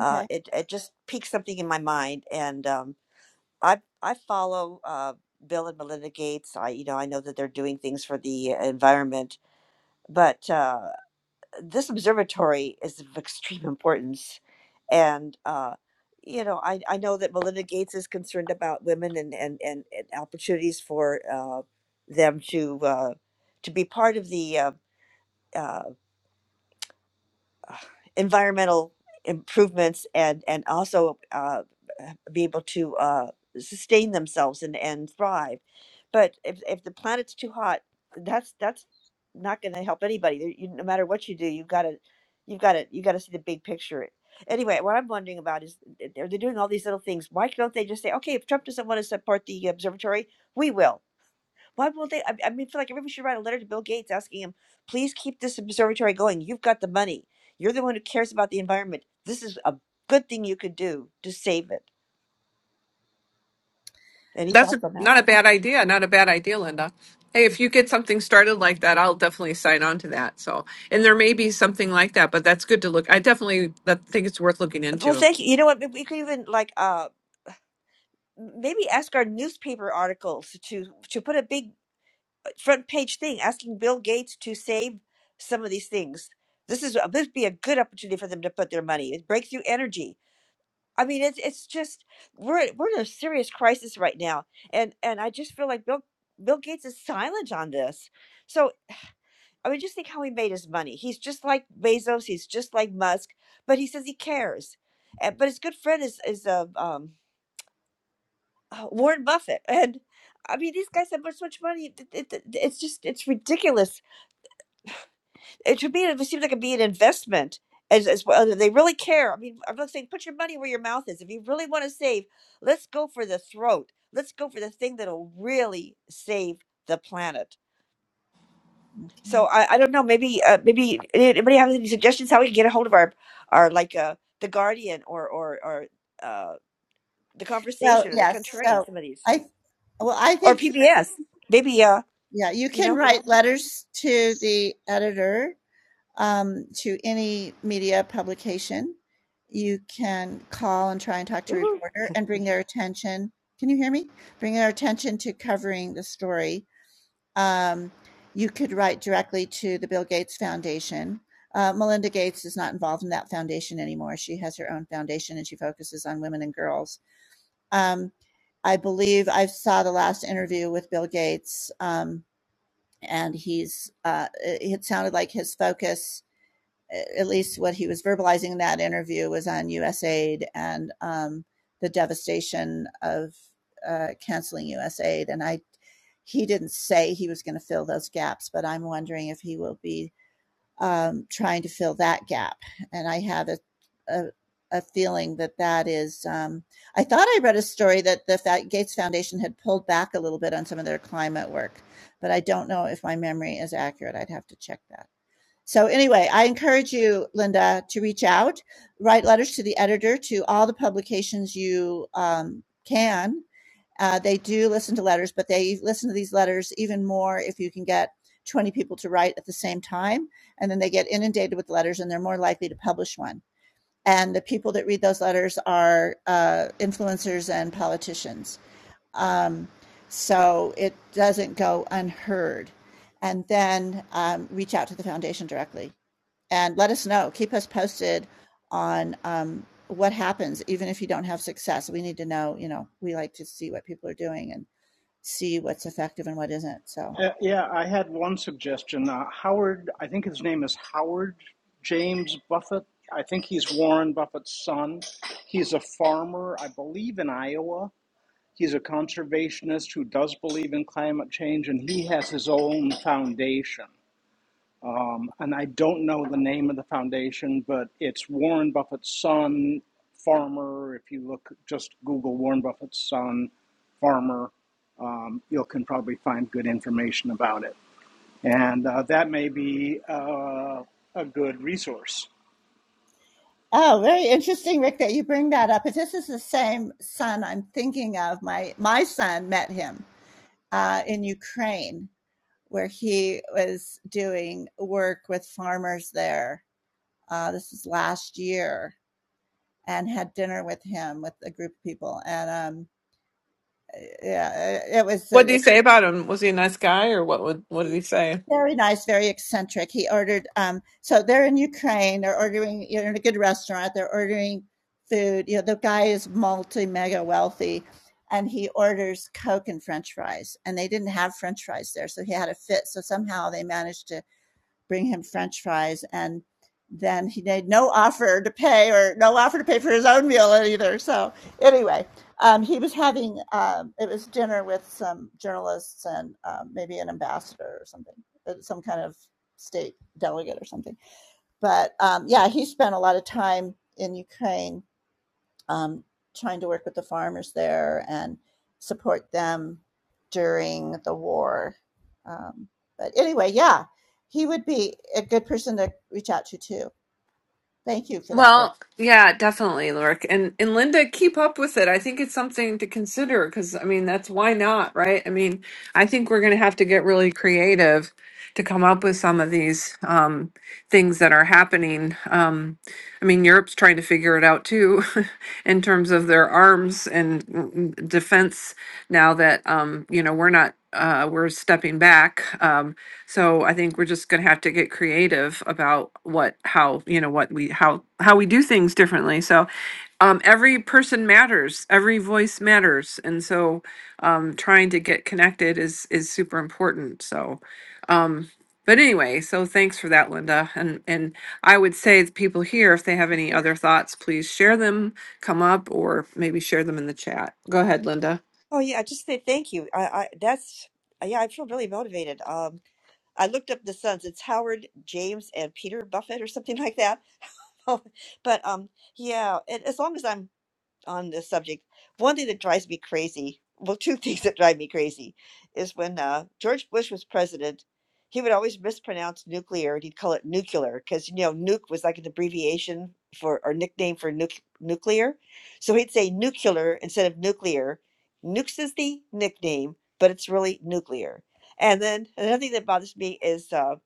S8: Uh, it it just piqued something in my mind, and um, I I follow uh, Bill and Melinda Gates. I you know I know that they're doing things for the environment, but. Uh, this observatory is of extreme importance. And, uh, you know, I, I know that Melinda Gates is concerned about women and, and, and, and opportunities for uh, them to uh, to be part of the uh, uh, environmental improvements and and also uh, be able to uh, sustain themselves and and thrive. But if if the planet's too hot, that's that's not going to help anybody. There- You, no matter what you do, you've got to you've got to you got to see the big picture. Anyway, what I'm wondering about is th- they're, they're doing all these little things. Why don't they just say, okay, if Trump doesn't want to support the observatory, we will why won't they? I, I mean, feel like everybody should write a letter to Bill Gates asking him, please keep this observatory going. You've got the money. You're the one who cares about the environment. This is a good thing you could do to save it. Any
S1: That's a,
S8: thoughts on that?
S1: not a bad idea. Not a bad idea, Linda. Hey, if you get something started like that, I'll definitely sign on to that. So, and there may be something like that, but that's good to look. I definitely that, think it's worth looking
S8: Well,
S1: into.
S8: thank you. You know what? We could even like uh maybe ask our newspaper articles to to put a big uh, front page thing asking Bill Gates to save some of these things. This is this would be a good opportunity for them to put their money. It's breakthrough energy I mean, it's it's just we're we're in a serious crisis right now, and and I just feel like Bill Bill Gates is silent on this. So I mean, just think how he made his money. He's just like Bezos. He's just like Musk, but he says he cares. And, but his good friend is is uh, um, uh, Warren Buffett, and I mean, these guys have so much money. It, it, it- it's just it's ridiculous it should be it seems like it'd be an investment as as well they really care i mean i'm not saying put your money where your mouth is if you really want to save let's go for the throat let's go for the thing that'll really save the planet so i, I don't know maybe uh, maybe anybody have any suggestions how we can get a hold of our our like uh the guardian or or or uh the conversation or the contrarian some of these or pbs maybe uh you know woohoo.
S6: Uh, yeah, I had one suggestion. Uh, Howard, I think his name is Howard James Buffett. I think he's Warren Buffett's son. He's a farmer, I believe, in Iowa. He's a conservationist who does believe in climate change, and he has his own foundation. Um, and I don't know the name of the foundation, but it's Warren Buffett's son, Farmer. If you look, just Google Warren Buffett's son, Farmer, um, you can probably find good information about it. And uh, that may be uh, a good resource.
S1: What did he say about him? Was he a nice guy, or what? Would, what did he say? Well, yeah, definitely, Lurk. And and Linda, keep up with it. I think it's something to consider because I mean that's why not, right? I mean, I think we're gonna have to get really creative to come up with some of these um things that are happening. Um I mean Europe's trying to figure it out too in terms of their arms and mm, defense now that um, you know, we're not uh we're stepping back. Um, so I think we're just going to have to get creative about what, how, you know, what we, how, how we do things differently. So um, every person matters, every voice matters, and so um, trying to get connected is is super important. So, um, but anyway, so thanks for that, Linda. And and I would say the people here, if they have any other thoughts, please share them, come up, or maybe share them in the chat. Go ahead, Linda.
S8: oh yeah just say thank you i i that's yeah i feel really motivated Um. I looked up the sons. It's Howard, James, and Peter Buffett, or something like that. but um, yeah, and as long as I'm on this subject, one thing that drives me crazy, well, two things that drive me crazy, is when uh, George Bush was president, he would always mispronounce nuclear and he'd call it nuclear because, you know, nuke was like an abbreviation for or nickname for nuc- nuclear. So he'd say nuclear instead of nuclear. Nukes is the nickname, but it's really nuclear. And then another thing that bothers me is uh,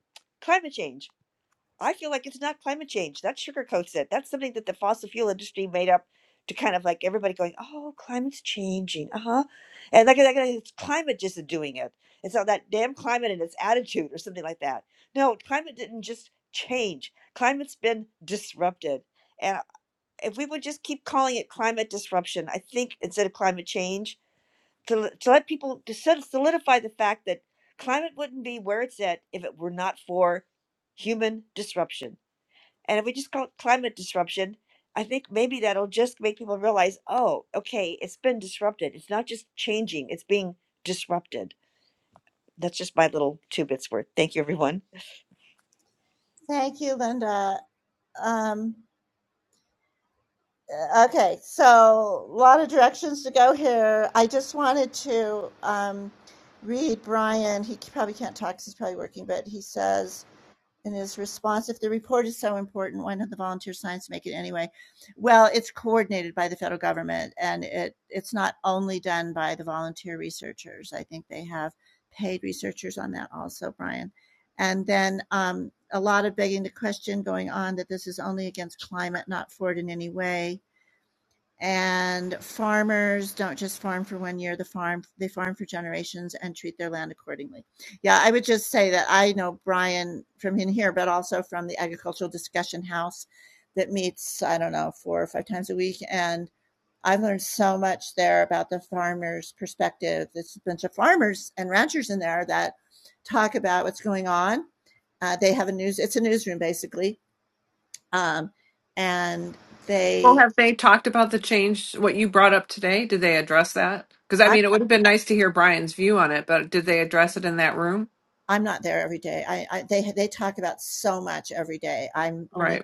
S8: climate change I feel like it's not climate change. That sugarcoats it. That's something that the fossil fuel industry made up to kind of like everybody going, oh, climate's changing. Uh huh. And like, like like, it's climate just doing it. And so that damn climate and its attitude or something like that. No, climate didn't just change, climate's been disrupted. And if we would just keep calling it climate disruption, I think instead of climate change, to, l- to let people to sol- solidify the fact that climate wouldn't be where it's at if it were not for human disruption and if we just call it climate disruption, I think maybe that'll just make people realize, oh, okay, it's been disrupted. It's not just changing, it's being disrupted. That's just my little two bits worth. Thank you, everyone.
S1: Well, have they talked about the change, what you brought up today? Did they address that? Because I mean, it would have been nice to hear Brian's view on it, but did they address it in that room? Right.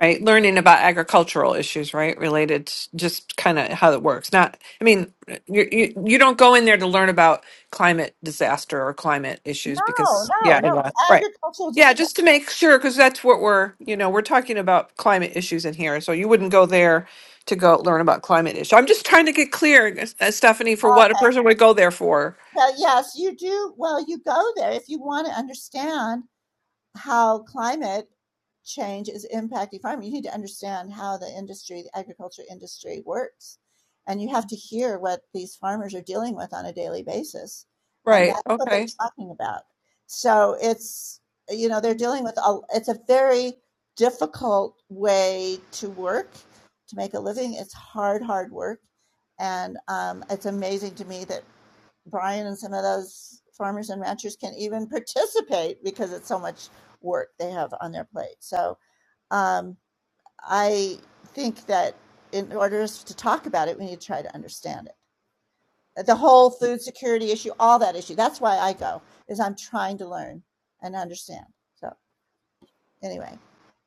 S1: right? Learning about agricultural issues, right? Related to just kind of how it works. Not, I mean, you, you you don't go in there to learn about climate disaster or climate issues because, yeah, yeah, right, yeah, just to make sure because that's what we're, you know, we're talking about climate issues in here. So you wouldn't go there to go learn about climate issue. I'm just trying to get clear, uh, Stephanie, for what a person would go there for. Right. Okay.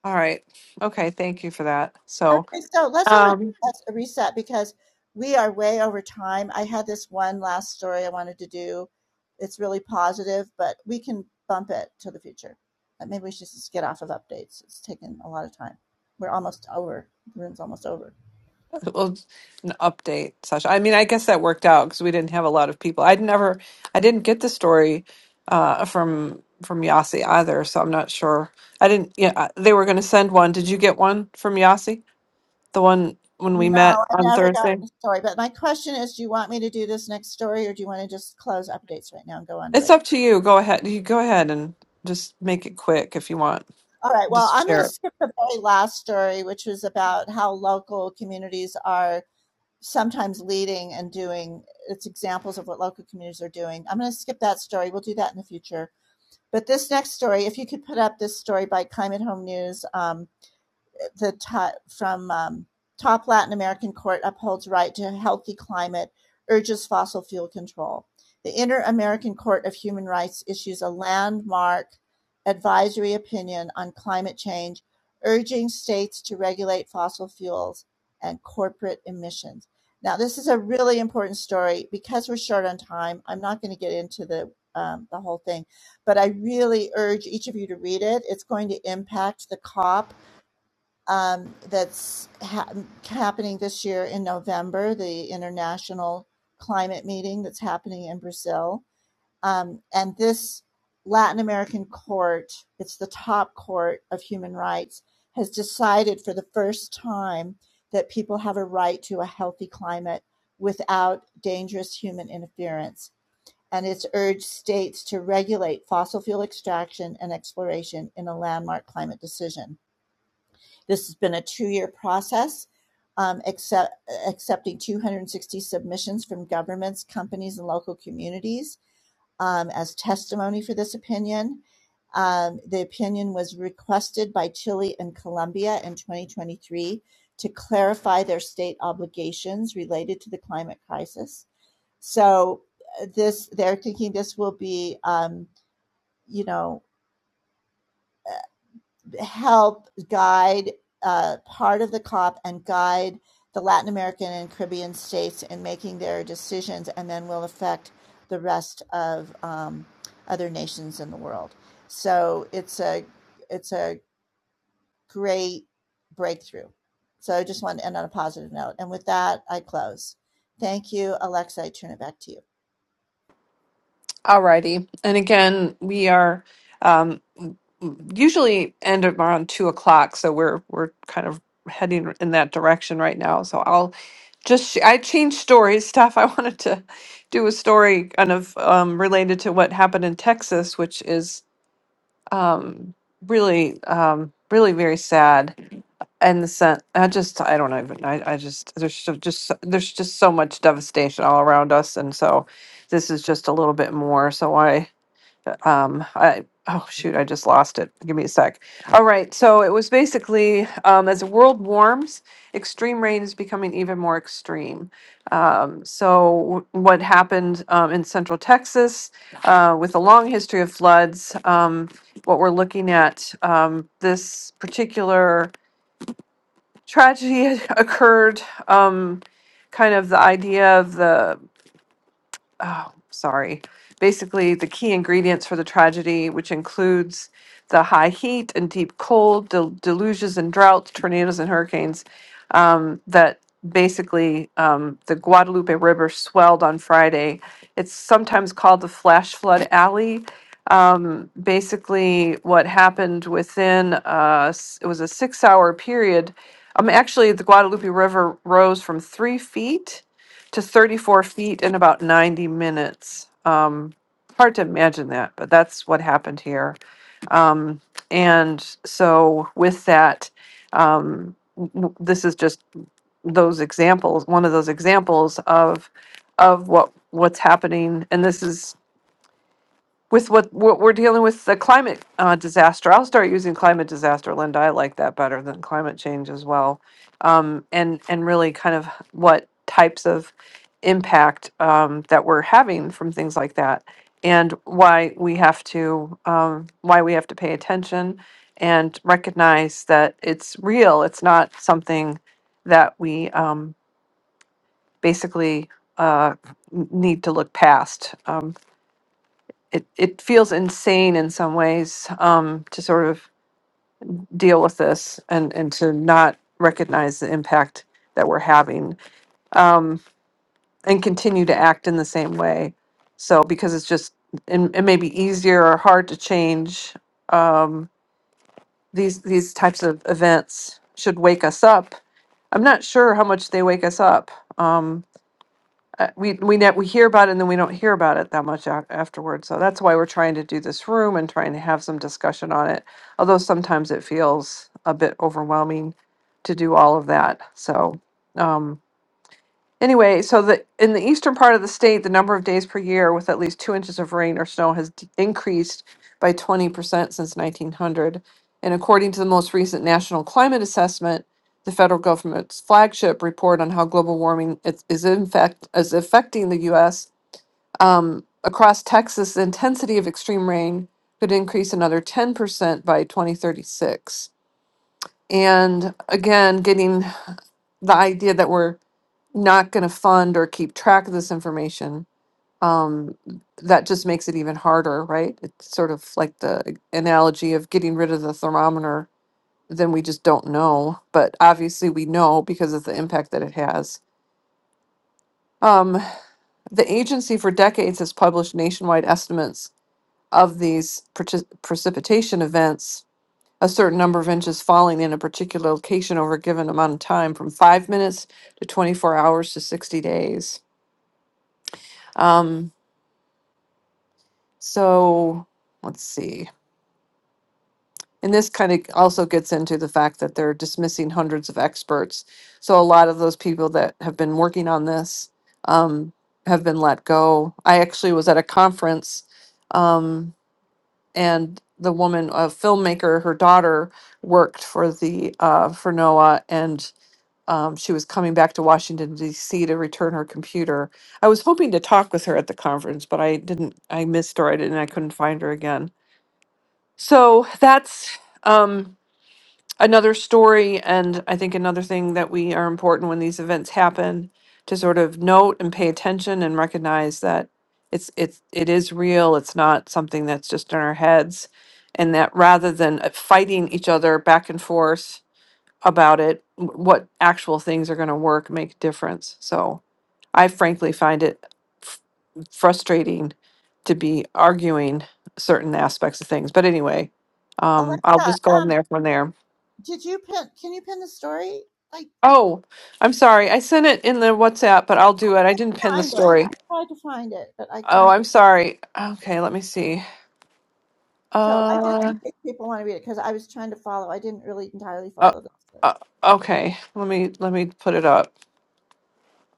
S1: All right. Okay. Thank you for that. So. Well, it's an update session. I mean, I guess that worked out because we didn't have a lot of people. I'd never, I didn't get the story uh, from from Yasi either, so I'm not sure. I didn't. Yeah, I- they were going to send one. Did you get one from Yasi? The one when we met on Thursday. It's up to you. Go ahead. You go ahead and just make it quick if you want. Just share it. Alrighty. And again, we are um, usually end at around two o'clock, so we're we're kind of heading in that direction right now. So I'll just sh- I changed stories stuff. I wanted to do a story kind of um, related to what happened in Texas, which is um, really, um, really very sad. And the sen I just, I don't even, I, I just, there's so- just, so- there's just so much devastation all around us, and so this is just a little bit more. So I um i oh shoot i just lost it give me a sec all right so it was basically um as the world warms extreme rain is becoming even more extreme um so w- what happened um, in central texas uh, with a long history of floods um what we're looking at um this particular tragedy occurred um kind of the idea of the oh, sorry. Basically, the key ingredients for the tragedy, which includes the high heat and deep cold, del- deluges and droughts, tornadoes and hurricanes, um, that basically um, the Guadalupe River swelled on Friday. It's sometimes called the flash flood alley. Um, basically, what happened within uh, s- it was a six-hour period. Um, actually, the Guadalupe River rose from three feet to 34 feet in about 90 minutes. Um, hard to imagine that, but that's what happened here. Um, and so, with that, um, w- w- this is just those examples, one of those examples of of what what's happening. And this is with what what we're dealing with the climate uh, disaster. I'll start using climate disaster, Linda. I like that better than climate change as well. Um, and and really kind of what types of impact um, that we're having from things like that, and why we have to um, why we have to pay attention and recognize that it's real. It's not something that we um, basically uh, n- need to look past. Um, it it feels insane in some ways um, to sort of deal with this and and to not recognize the impact that we're having um, and continue to act in the same way. So because it's just it, it may be easier or hard to change um, these these types of events should wake us up. I'm not sure how much they wake us up. Um, uh, we we net we hear about it and then we don't hear about it that much a- afterwards. So that's why we're trying to do this room and trying to have some discussion on it. Although sometimes it feels a bit overwhelming to do all of that. So. Um, Anyway, so the in the eastern part of the state, the number of days per year with at least two inches of rain or snow has d- increased by 20% since 1900. And according to the most recent National Climate Assessment, the federal government's flagship report on how global warming is, is in fact is affecting the U.S. Um, across Texas, the intensity of extreme rain could increase another 10% by 2036. And again, getting the idea that we're not going to fund or keep track of this information, um, that just makes it even harder, right? It's sort of like the analogy of getting rid of the thermometer, then we just don't know. But obviously, we know because of the impact that it has. Um, the agency for decades has published nationwide estimates of these partic- precipitation events. A certain number of inches falling in a particular location over a given amount of time, from five minutes to 24 hours to 60 days. Um, So let's see. And this kind of also gets into the fact that they're dismissing hundreds of experts. So a lot of those people that have been working on this um, have been let go. I actually was at a conference um, and the woman, a filmmaker, her daughter worked for the uh, for NOAA and um, she was coming back to Washington D.C. to return her computer. I was hoping to talk with her at the conference, but I didn't. I missed her. I didn't. I couldn't find her again So that's um, another story, and I think another thing that we are important when these events happen to sort of note and pay attention and recognize that it's it's it is real. It's not something that's just in our heads, and that rather than uh, fighting each other back and forth about it, wh- what actual things are going to work, make a difference. So I frankly find it f- frustrating to be arguing certain aspects of things. But anyway, um, I'll just go in there from there. Oh, I'm sorry. I sent it in the WhatsApp, but I'll do it. I didn't pin the story. Oh, I'm sorry. Okay, let me see. Uh, uh, uh okay. Let me let me put it up.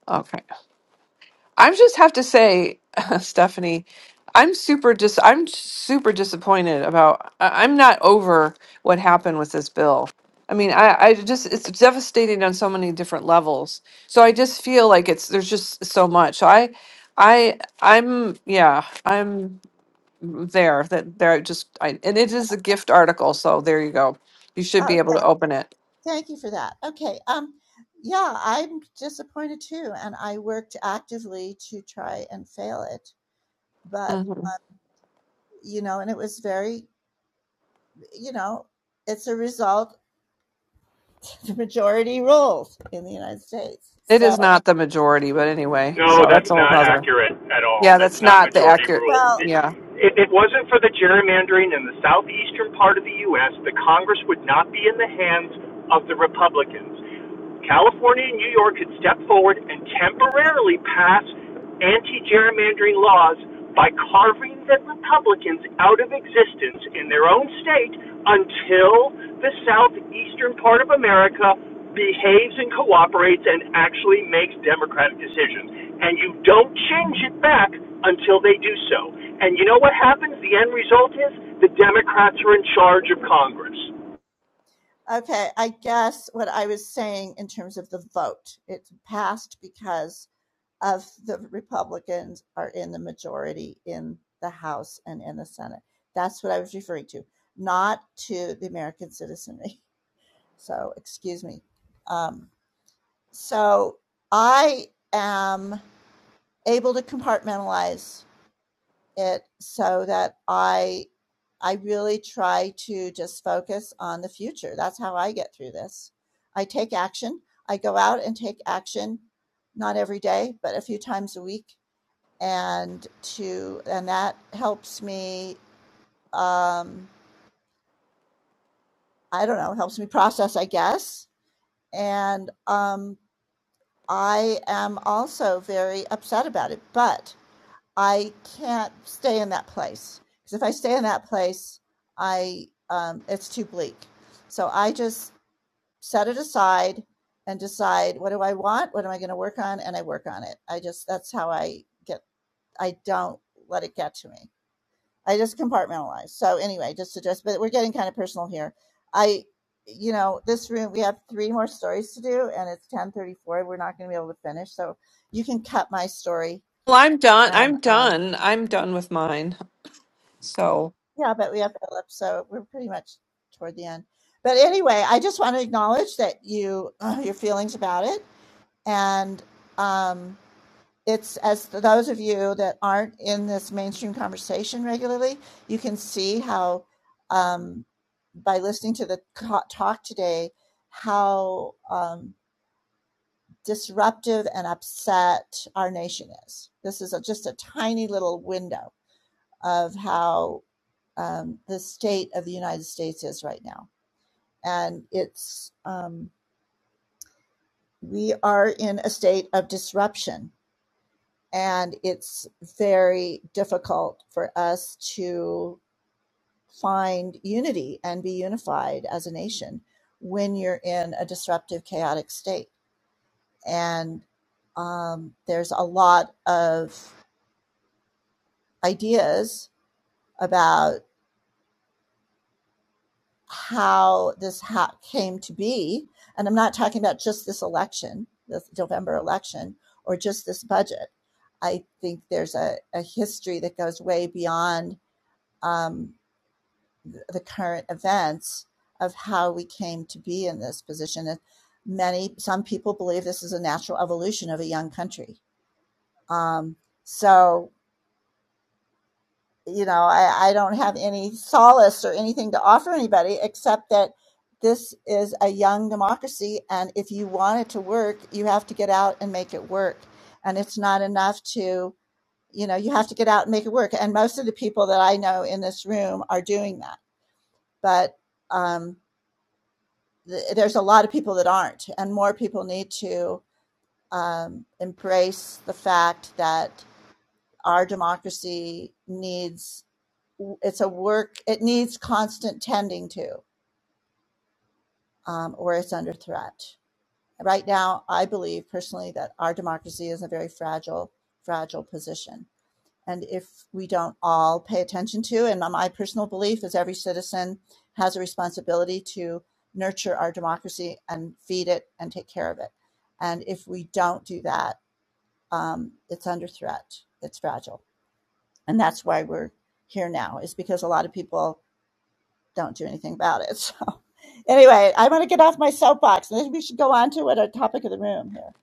S1: Okay. I just have to say, Stephanie, I'm super dis I'm super disappointed about I- I'm not over what happened with this bill. I mean, I, I just it's devastating on so many different levels. So I just feel like it's there's just so much. So I I I'm yeah, I'm there that there I just I and it is a gift article, so there you go. You should be able to open it. Mhm. It is not the majority, but anyway,
S4: No,
S1: so
S4: that's
S1: that's a whole
S4: not
S1: nother.
S4: accurate at all.
S1: Yeah,
S4: That's
S1: that's
S4: not
S1: not the
S4: majority
S1: accurate.
S4: rule.
S1: Yeah.
S4: If it wasn't for the gerrymandering in the southeastern part of the U.S., the Congress would not be in the hands of the Republicans. California and New York could step forward and temporarily pass anti gerrymandering laws by carving the Republicans out of existence in their own state until the southeastern part of America behaves and cooperates and actually makes democratic decisions. And you don't change it back until they do so. And you know what happens? The end result is the Democrats are in charge of Congress.
S1: Well, I'm done. I'm done. I'm done with mine. So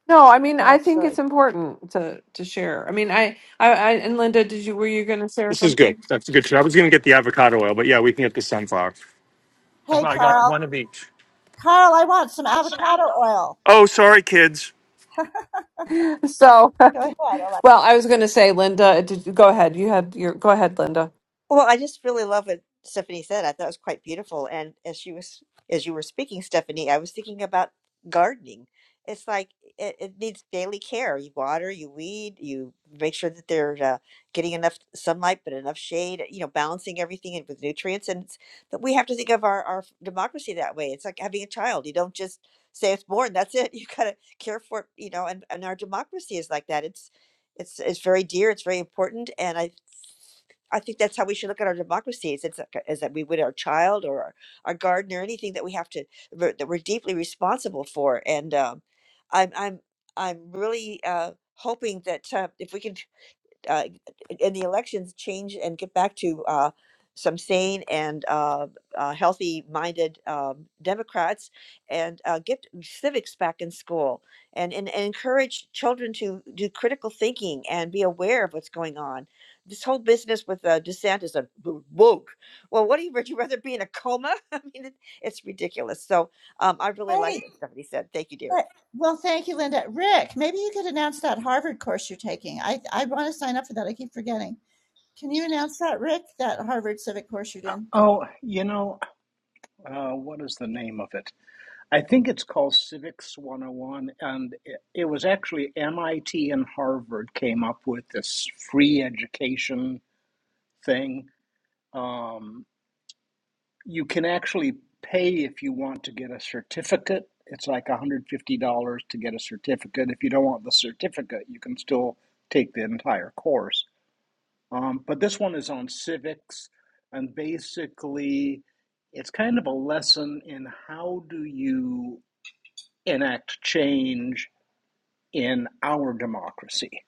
S1: no, I mean, I think it's important to to share. I mean, I, I, I and Linda, did you were you going to share
S4: This is good.
S1: something?
S4: That's a good. Show. I was going to get the avocado oil, but yeah, we can get the sunflower. I got one of each. Oh, sorry, kids.
S1: So, well, I was going to say, Linda, did, go ahead. You had your go ahead, Linda.
S8: Well, I just really love what Stephanie said. I thought it was quite beautiful. And as she was, as you were speaking, Stephanie, I was thinking about gardening. It's like it, it needs daily care. You water, you weed, you make sure that they're uh, getting enough sunlight, but enough shade. You know, balancing everything in with nutrients. And it's, but we have to think of our our democracy that way. It's like having a child. You don't just say it's born. That's it. You gotta care for it. You know, and and our democracy is like that. It's it's it's very dear. It's very important. And I I think that's how we should look at our democracies. It's like, as that we would our child or our, our garden or anything that we have to we're- that we're deeply responsible for. And um, I'm I'm I'm really uh, hoping that uh, if we can uh, and the elections change and get back to uh, some sane and uh, uh, healthy-minded um, Democrats, and uh, get civics back in school, and, and and encourage children to do critical thinking and be aware of what's going on. This whole business with uh, DeSantis, uh, wo- woke. Well, what do you would you rather be in a coma? I mean, it, it's ridiculous. So um, I really like what somebody said. Thank you,
S6: Oh, you know, uh, what is the name of it? I think it's called Civics 101, and it, it was actually MIT and Harvard came up with this free education thing. Um, you can actually pay if you want to get a certificate. It's like $150 to get a certificate. If you don't want the certificate, you can still take the entire course. Um, but this one is on civics, and basically, it's kind of a lesson in how do you enact change in our democracy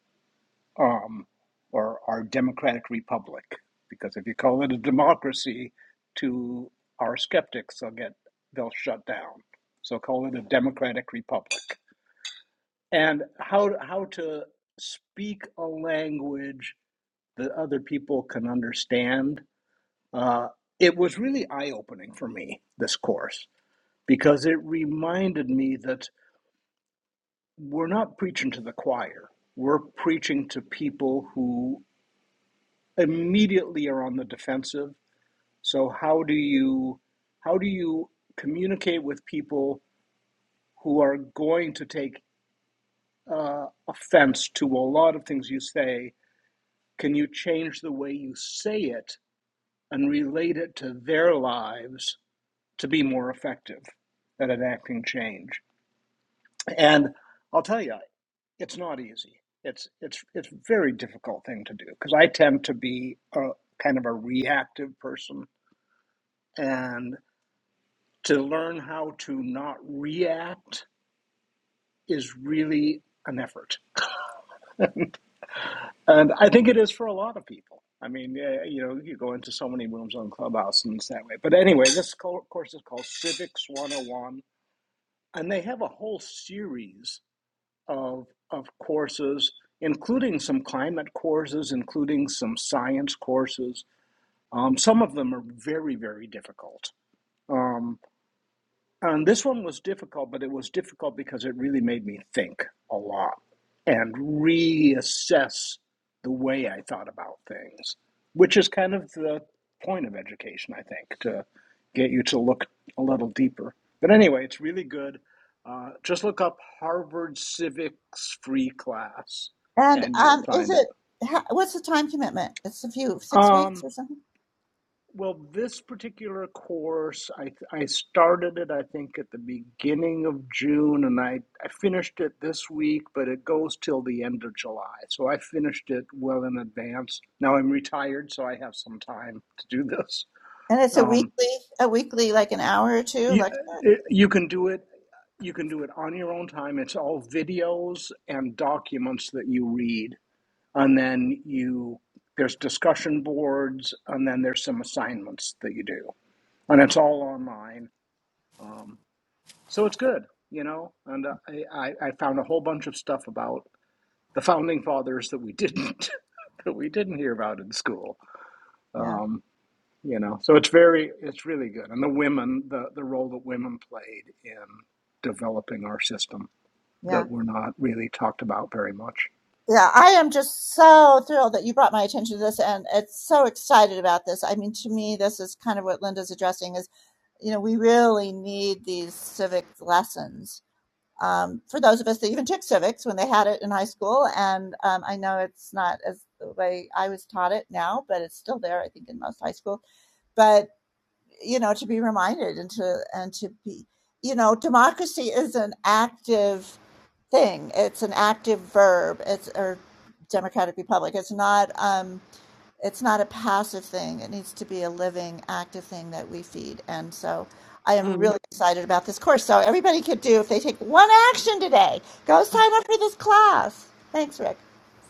S6: um, or our democratic republic. Because if you call it a democracy, to our skeptics, they'll get they'll shut down. So call it a democratic republic. And how how to speak a language that other people can understand. Uh, it was really eye opening for me this course because it reminded me that we're not preaching to the choir. We're preaching to people who immediately are on the defensive. So how do you how do you communicate with people who are going to take uh, offense to a lot of things you say? Can you change the way you say it and relate it to their lives to be more effective at enacting change? And I'll tell you, it's not easy. It's it's it's a very difficult thing to do because I tend to be a kind of a reactive person, and. to learn how to not react is really an effort. And I think it is for a lot of people. I mean, yeah, you know, you go into so many rooms on Clubhouse and it's that way. But anyway, this course is called Civics 101. And they have a whole series of, of courses, including some climate courses, including some science courses. Um, some of them are very, very difficult. Um, Um, this one was difficult, but it was difficult because it really made me think a lot and reassess the way I thought about things, which is kind of the point of education, I think, to get you to look a little deeper. But anyway, it's really good. Uh, just look up Harvard Civics Free Class and you'll find it. Um, Well, this particular course, I, I started it, I think, at the beginning of June, and I, I finished it this week, but it goes till the end of July. So I finished it well in advance. Now I'm retired, so I have some time to do this. Um, you, it, you can do it. You can do it on your own time. It's all videos and documents that you read, and then you there's discussion boards, and then there's some assignments that you do and it's all online. Um, so it's good, you know. And uh, I, I I found a whole bunch of stuff about the founding fathers that we didn't that we didn't hear about in school. Um, you know, so it's very it's really good, and the women the the role that women played in developing our system that were not really talked about very much.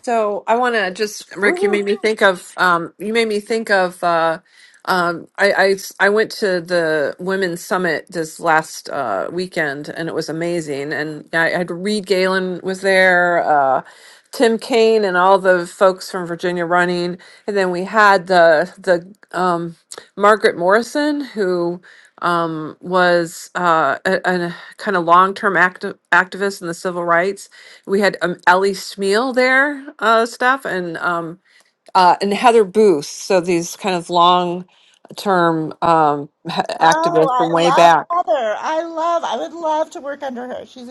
S1: So I want to just, Rick,
S8: dear.
S1: you made me think of, um, you made me think of, uh, um, I, I, I went to the women's summit this last, uh, weekend and it was amazing. And I had Reed Galen was there, uh, Tim Kaine and all the folks from Virginia running. And then we had the, the, um, Margaret Morrison who, um, was, uh, a, a kind of long-term active activist in the civil rights we had um, Ellie Smeal there, uh, stuff, and um, uh, and Heather Booth. So these kind of long term um, h- activists from way back.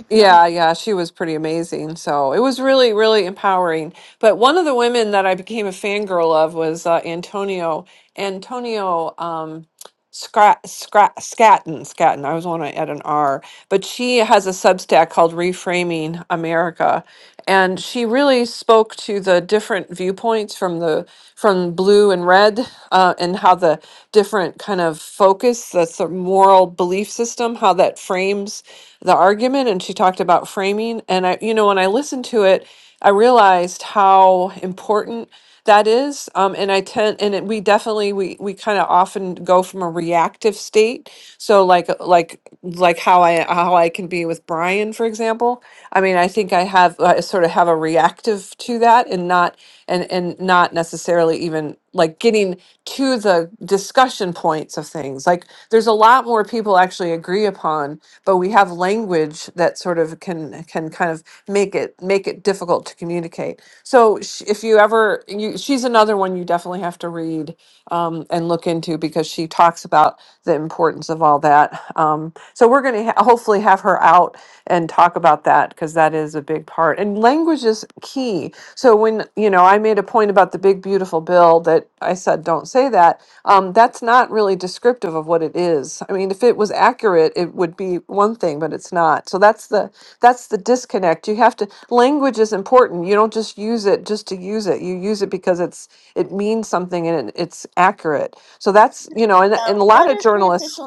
S1: Yeah, yeah, she was pretty amazing. So it was really, really empowering. But one of the women that I became a fangirl of was uh, Antonio Antonio um, Scrat, Scrat, Scatton. Scatton. I always want to add an R. But she has a Substack called Reframing America, and she really spoke to the different viewpoints from the from blue and red, uh, and how the different kind of focus, that's the moral belief system, how that frames the argument and she talked about framing and I you know when I listened to it I realized how important that is um, and I tend and it, we definitely we we kind of often go from a reactive state so like uh, like like how I how I can be with Brian for example I mean I think I have I sort of have a reactive to that and not and and not necessarily even like getting to the discussion points of things like there's a lot more people actually agree upon but we have language that sort of can can kind of make it make it difficult to communicate. So sh- if you ever, you, she's another one you definitely have to read um, and look into because she talks about the importance of all that. Um, so we're going to ha- hopefully have her out and talk about that because that is a big part. And language is key. So when you know, I made a point about the big beautiful bill that I said don't say that um, that's not really descriptive of what it is. I mean, if it was accurate, it would be one thing, but it's not. So that's the that's the disconnect. You have to language is important. You don't just use it just to use it. You use it because it's it means something and it, it's accurate. So that's you know, and and a lot of journalists.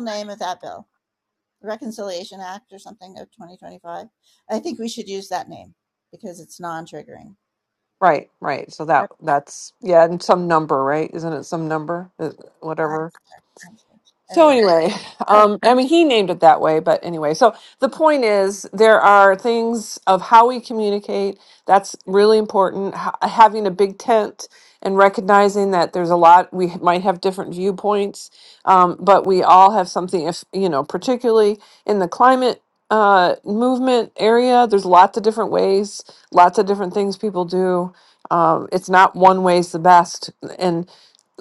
S1: Right, right. So that that's yeah, and some number, right? Isn't it some number, Uh, whatever? So anyway, um, I mean, he named it that way, but anyway. So the point is, there are things of how we communicate that's really important. H- having a big tent and recognizing that there's a lot we h- might have different viewpoints, um, but we all have something. If you know, particularly in the climate uh, movement area, there's lots of different ways, lots of different things people do. Um, it's not one way's the best,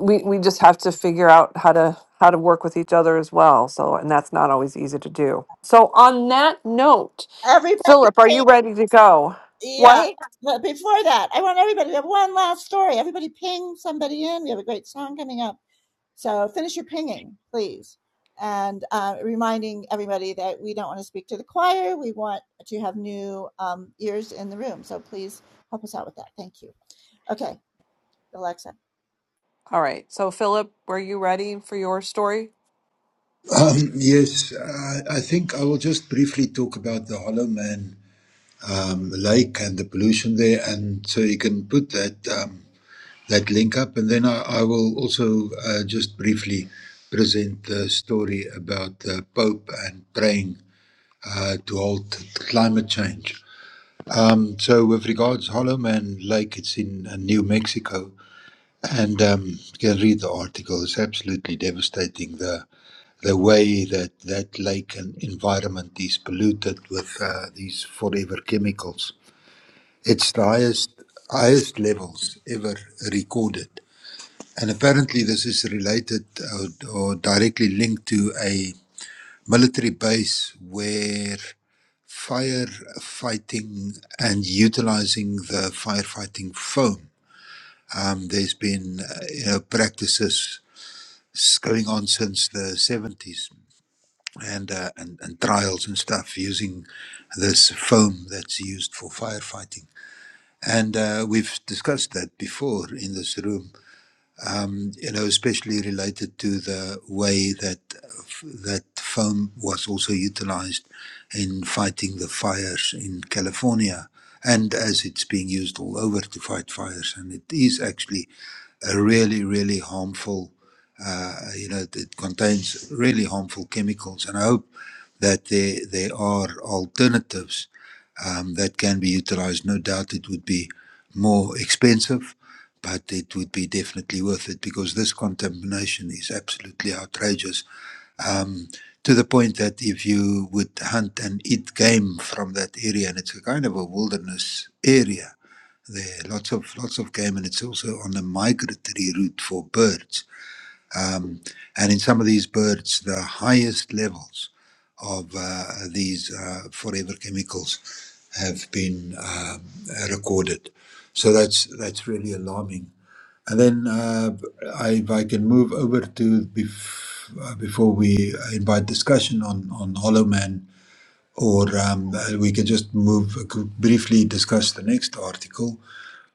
S1: we we just have to figure out how to how to work with each other as well so and that's not always easy to do so on that note philip are you ready to go what all right so philip were you ready for your story
S3: Um, yes, I, I think I will just briefly talk about the Hollow Man um, lake and the pollution there. And so you can put that um, that link up, and then I, I will also uh, just briefly present the story about the Pope and praying uh, to halt climate change. Um, so, with regards Hollow Man Lake, it's in uh, New Mexico, and um, you can read the article. It's absolutely devastating. The the way that that lake and environment is polluted with uh, these forever chemicals it's the highest highest levels ever recorded, and apparently this is related or, or directly linked to a military base where firefighting and utilizing the firefighting foam. Um, there's been uh, you know practices s- going on since the 70s and, uh, and and trials and stuff using this foam that's used for firefighting And uh, we've discussed that before in this room um, you know, especially related to the way that that foam was also utilized in fighting the fires in California, and as it's being used all over to fight fires, and it is actually a really, really harmful. Uh, you know, it contains really harmful chemicals, and I hope that there there are alternatives um, that can be utilized. No doubt, it would be more expensive but it would be definitely worth it because this contamination is absolutely outrageous. Um, to the point that if you would hunt and eat game from that area, and it's a kind of a wilderness area, there are lots of lots of game, and it's also on a migratory route for birds. Um, and in some of these birds, the highest levels of uh, these uh, forever chemicals have been um, recorded. So that's that's really alarming and then uh, I, if I can move over to bef- uh, before we invite discussion on, on Hollow Man, or um, uh, we can just move briefly discuss the next article,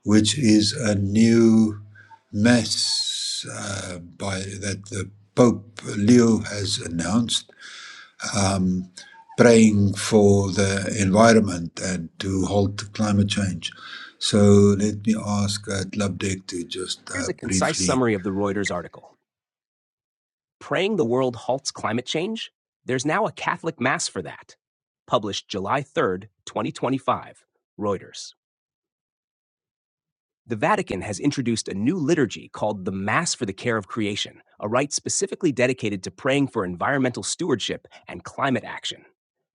S3: which is a new mass uh, by that the Pope Leo has announced, um, praying for the environment and to halt climate change. So let me ask uh, Tlabdek to just
S9: Here's
S3: uh,
S9: a concise
S3: briefly
S9: summary of the Reuters article Praying the World Halts Climate Change? There's now a Catholic Mass for that. Published July 3rd, 2025. Reuters. The Vatican has introduced a new liturgy called the Mass for the Care of Creation, a rite specifically dedicated to praying for environmental stewardship and climate action.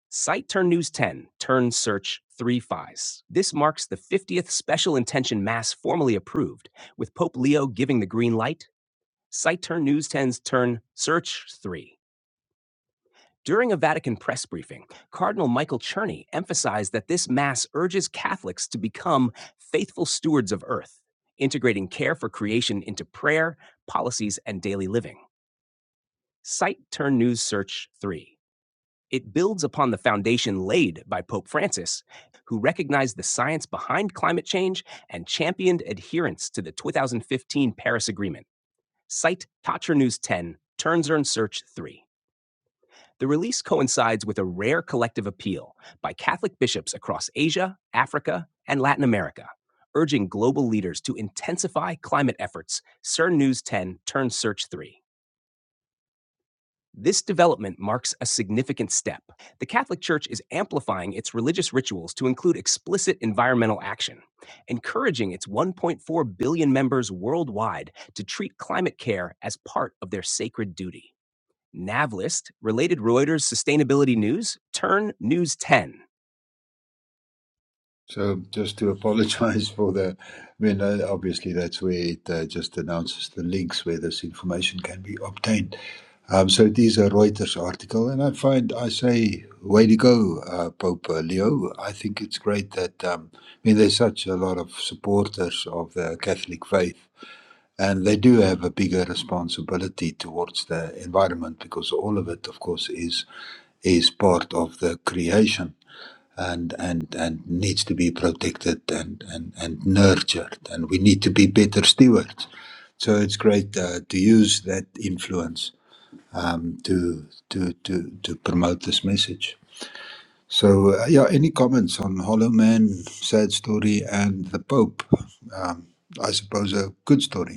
S9: Site Turn News 10, Turn Search 3 Fies. This marks the 50th Special Intention Mass formally approved, with Pope Leo giving the green light SiteTurn News ten's Turn Search 3. During a Vatican press briefing, Cardinal Michael Czerny emphasized that this Mass urges Catholics to become faithful stewards of earth, integrating care for creation into prayer, policies, and daily living. Site Turn News Search 3. It builds upon the foundation laid by Pope Francis, who recognized the science behind climate change and championed adherence to the 2015 Paris Agreement. Site Tatra News 10, Turn Search 3. The release coincides with a rare collective appeal by Catholic bishops across Asia, Africa, and Latin America, urging global leaders to intensify climate efforts. CERN News 10 turns Search 3. This development marks a significant step. The Catholic Church is amplifying its religious rituals to include explicit environmental action, encouraging its 1.4 billion members worldwide to treat climate care as part of their sacred duty. Navlist, related Reuters sustainability news, turn News 10.
S3: So just to apologize for the, I mean, uh, obviously that's where it uh, just announces the links where this information can be obtained. Um, so it is a Reuters article, and I find I say, way to go, uh, Pope uh, Leo. I think it's great that, um, I mean, there's such a lot of supporters of the Catholic faith, and they do have a bigger responsibility towards the environment because all of it, of course, is is part of the creation and and and needs to be protected and and and nurtured and we need to be better stewards so it's great uh, to use that influence um, to to to to promote this message so uh, yeah any comments on hollow man sad story and the pope um, i suppose a good story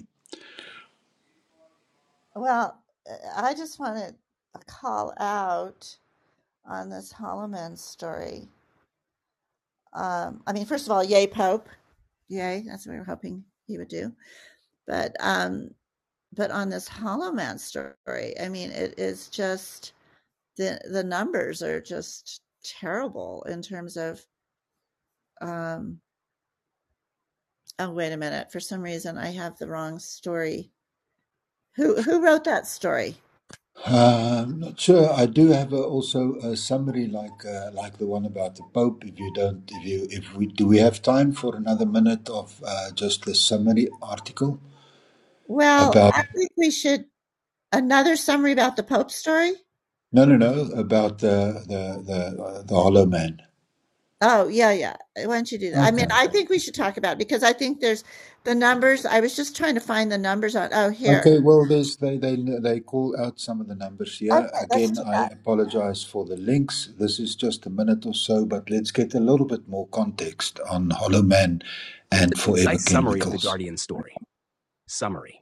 S3: Uh, I'm not sure. I do have a, also a summary like uh, like the one about the Pope. If you don't, if you if we do, we have time for another minute of uh, just the summary article about no no no about the the the, uh, the Hollow Man. Okay. Okay. Well, there's they they they call out some of the numbers here. Again, I apologize for the links. This is just a minute or so, but let's get a little bit more context on Hollow Man
S9: Here's a
S3: and Forever
S9: concise summary of the
S3: Chemicals.
S9: Guardian story. Summary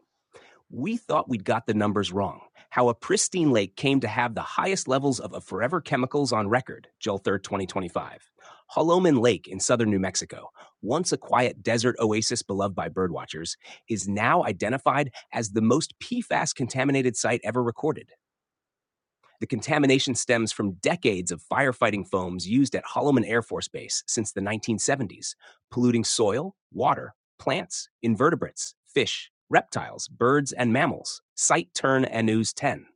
S9: We thought we'd got the numbers wrong. How a pristine lake came to have the highest levels of a forever chemicals on record, July 3rd, 2025. Holoman Lake in southern New Mexico, once a quiet desert oasis beloved by birdwatchers, is now identified as the most PFAS contaminated site ever recorded. The contamination stems from decades of firefighting foams used at Holloman Air Force Base since the 1970s, polluting soil, water, plants, invertebrates, fish, reptiles, birds, and mammals. Site Turn Annus 10.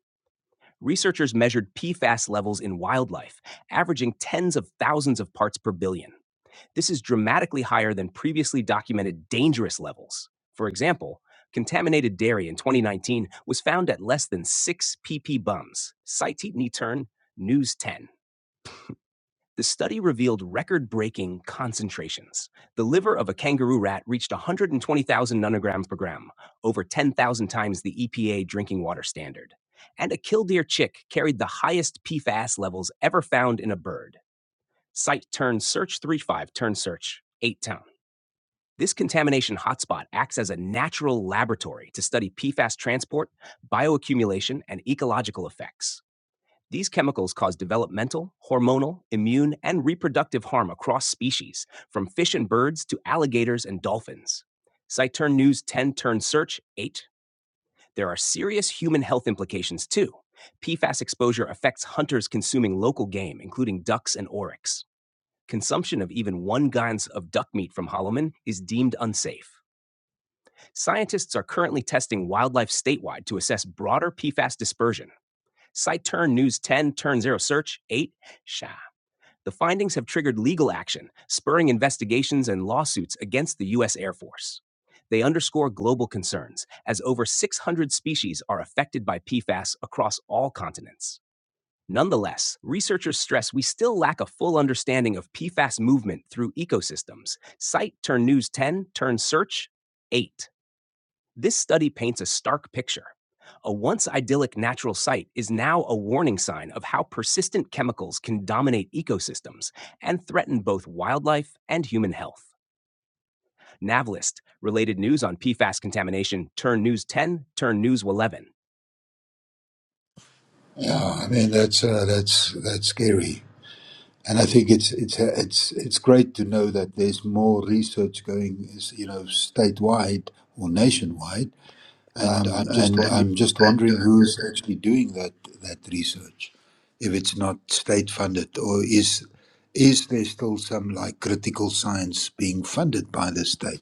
S9: Researchers measured PFAS levels in wildlife, averaging tens of thousands of parts per billion. This is dramatically higher than previously documented dangerous levels. For example, contaminated dairy in 2019 was found at less than 6 pp bums. Site Nitern, News 10. The study revealed record breaking concentrations. The liver of a kangaroo rat reached 120,000 nanograms per gram, over 10,000 times the EPA drinking water standard. And a killdeer chick carried the highest PFAS levels ever found in a bird. Site turn search 35 turn search, eight town. This contamination hotspot acts as a natural laboratory to study PFAS transport, bioaccumulation, and ecological effects. These chemicals cause developmental, hormonal, immune, and reproductive harm across species, from fish and birds to alligators and dolphins. Cytern News 10 Turn Search 8. There are serious human health implications too. PFAS exposure affects hunters consuming local game, including ducks and oryx. Consumption of even one ounce of duck meat from Holloman is deemed unsafe. Scientists are currently testing wildlife statewide to assess broader PFAS dispersion. SciTurn News 10 Turn Zero Search 8 SHA. The findings have triggered legal action, spurring investigations and lawsuits against the U.S. Air Force. They underscore global concerns, as over 600 species are affected by PFAS across all continents. Nonetheless, researchers stress we still lack a full understanding of PFAS movement through ecosystems. Site Turn News 10 Turn Search 8. This study paints a stark picture. A once idyllic natural site is now a warning sign of how persistent chemicals can dominate ecosystems and threaten both wildlife and human health. Navlist, related news on PFAS contamination, turn news 10, turn news 11.
S3: Yeah, I mean that's uh, that's that's scary, and I think it's it's uh, it's it's great to know that there's more research going, you know, statewide or nationwide.
S9: And I'm just
S3: And
S9: wondering
S3: I'm just wondering who's actually doing that that research, if it's not state funded, or is is there still some like critical science being funded by the state?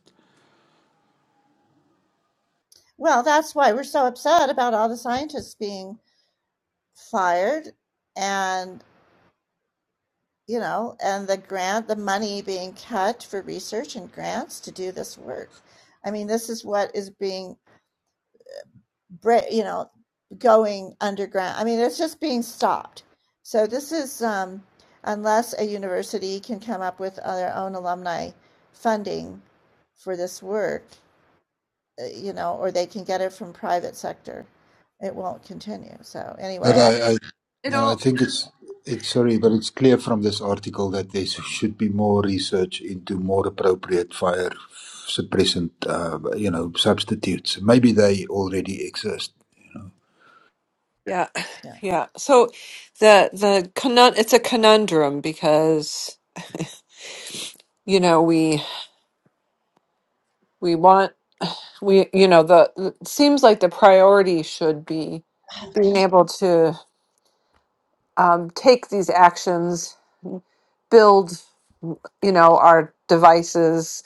S3: But I, I,
S1: It
S3: no, I
S1: all
S3: think it's it's sorry, but it's clear from this article that there should be more research into more appropriate fire suppressant, uh, you know, substitutes. Maybe they already exist. You know.
S1: yeah yeah so the the conun- it's a conundrum because you know we we want we you know the it seems like the priority should be being able to um, take these actions build. you know our devices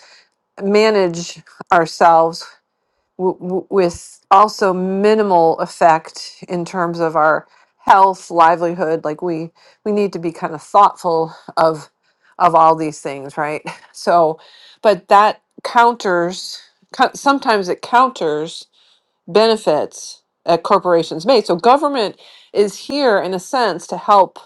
S1: manage ourselves w- w- with also minimal effect in terms of our health livelihood like we we need to be kind of thoughtful of of all these things right so but that counters co- sometimes it counters benefits that corporations made. So government is here in a sense to help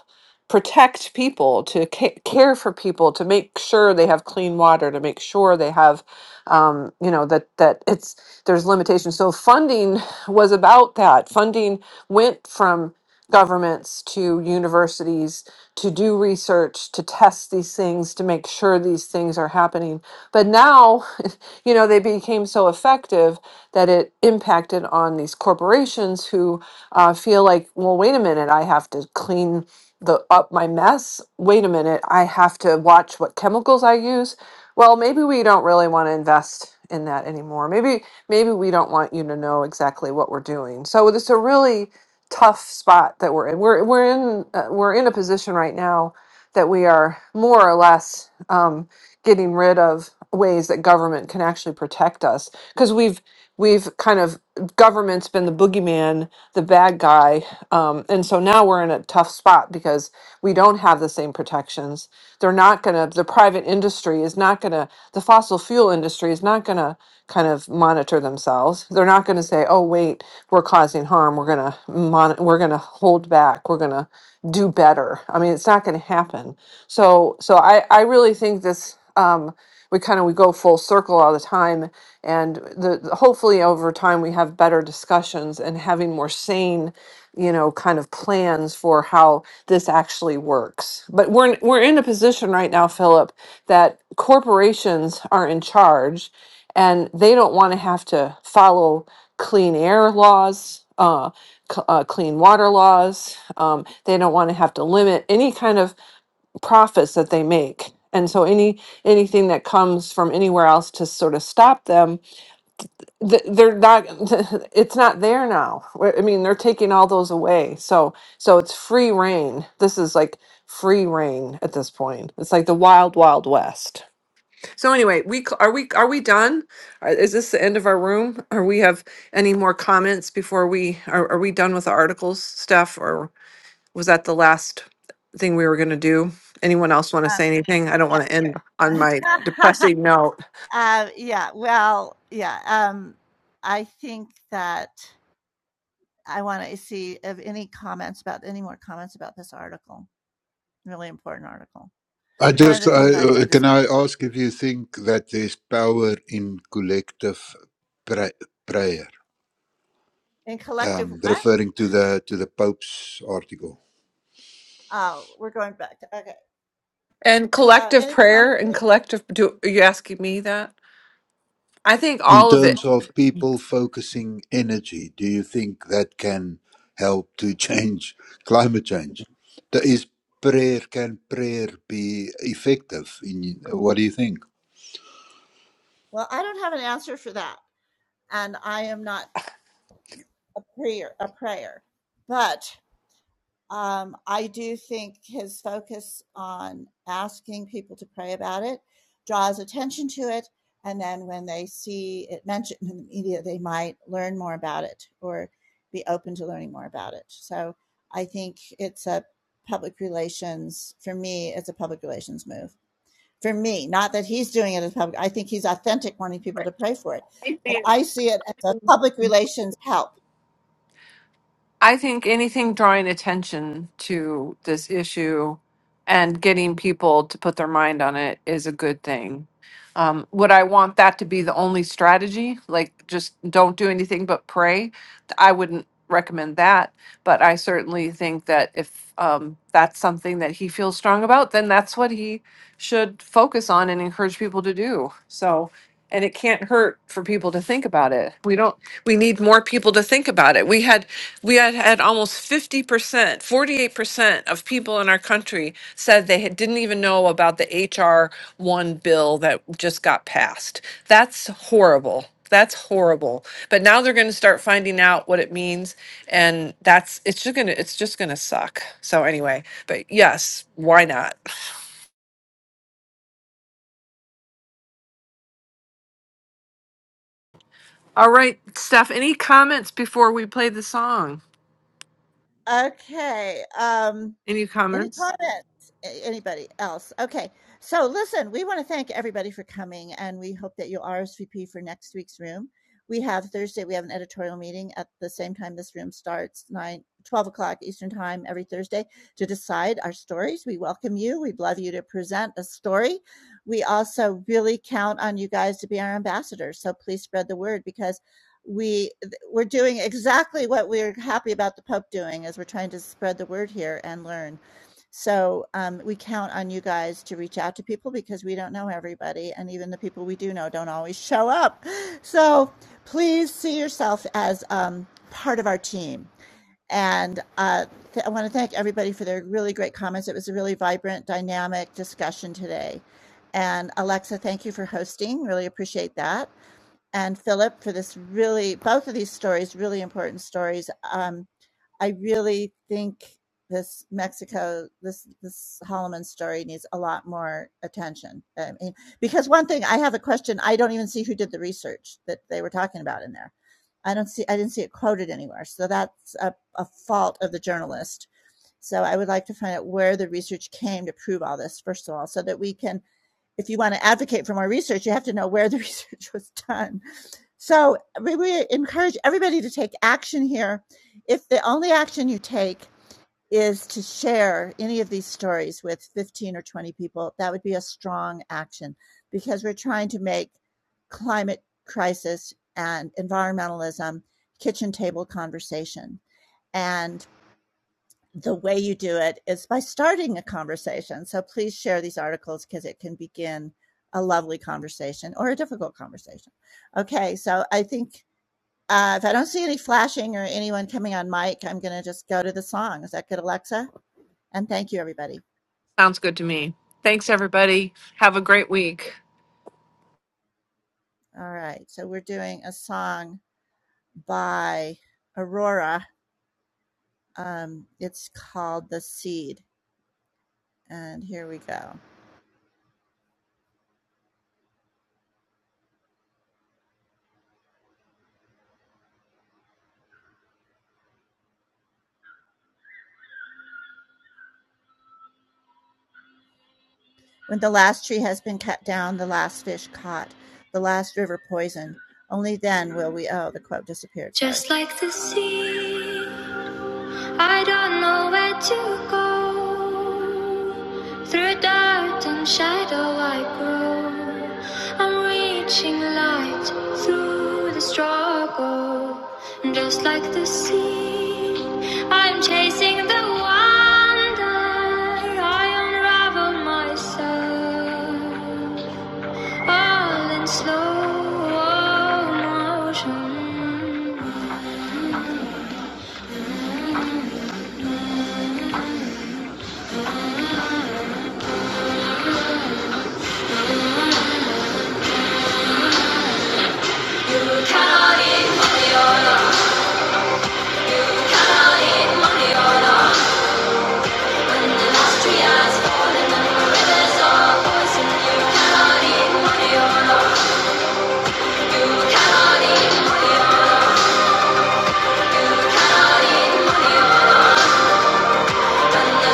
S1: protect people, to ca- care for people, to make sure they have clean water, to make sure they have, um, you know, that that it's there's limitations. So funding was about that. Funding went from governments to universities to do research to test these things to make sure these things are happening but now you know they became so effective that it impacted on these corporations who uh, feel like, well, wait a minute, I have to clean the up my mess. Wait a minute, I have to watch what chemicals I use. Well, maybe we don't really want to invest in that anymore. Maybe maybe we don't want you to know exactly what we're doing. So it's a really tough spot that we're in. We're we're in uh, we're in a position right now that we are more or less um, getting rid of ways that government can actually protect us because we've we've kind of government's been the boogeyman, the bad guy, um, and so now we're in a tough spot because we don't have the same protections. They're not going to. The private industry is not going to. The fossil fuel industry is not going to kind of monitor themselves. They're not going to say, "Oh, wait, we're causing harm. We're going to mon- We're going to hold back. We're going to do better." I mean, it's not going to happen. So, so I I really think this. Um, we kind of we go full circle all the time and the the- hopefully over time we have better discussions and having more sane you know kind of plans for how this actually works but we're in- we're in a position right now Philip that corporations are in charge and they don't want to have to follow clean air laws uh, c- uh, clean water laws. Um, they don't want to have to limit any kind of profits that they make, and so any anything that comes from anywhere else to sort of stop them th- they're not it's not there now Wh- i mean they're taking all those away so so it's free reign this is like free reign at this point it's like the wild wild west so anyway we cl- are we are we done Are- is this the end of our room or we have any more comments before we are, are we done with the articles stuff or was that the last thing we were going to do anyone else want to say anything i don't want to end on my depressing note
S3: I just I, uh, can I ask if you think that there's power in collective pra- prayer, um, referring to the to the Pope's article.
S1: And collective prayer and collective do are you asking me that? I think
S3: In
S1: all of it.
S3: terms of people focusing energy, do you think that can help to change climate change? That Is prayer can prayer be effective? In what do you think?
S1: I think anything drawing attention to this issue and getting people to put their mind on it is a good thing. Um, would I want that to be the only strategy? Like, just don't do anything but pray? I wouldn't recommend that. But I certainly think that if um, that's something that he feels strong about, then that's what he should focus on and encourage people to do. So, and it can't hurt for people to think about it. We don't, we need more people to think about it. We had we had had almost 50%, 48% of people in our country said they had, didn't even know about the HR 1 bill that just got passed. That's horrible. That's horrible. But now they're going to start finding out what it means and that's it's just going to it's just going to suck. So anyway, but yes, why not? All right, Steph, any comments before we play the song? Any comments? Sounds good to me. Thanks everybody. Have a great week.
S2: Only then will we. Oh, the quote disappeared. Sorry. Just like the sea, I don't know where to go. Through dark and shadow, I grow. I'm reaching light through the struggle. Just like the sea, I'm chasing the wonder. I unravel myself all in slow motion. Three eyes for poison, money, money on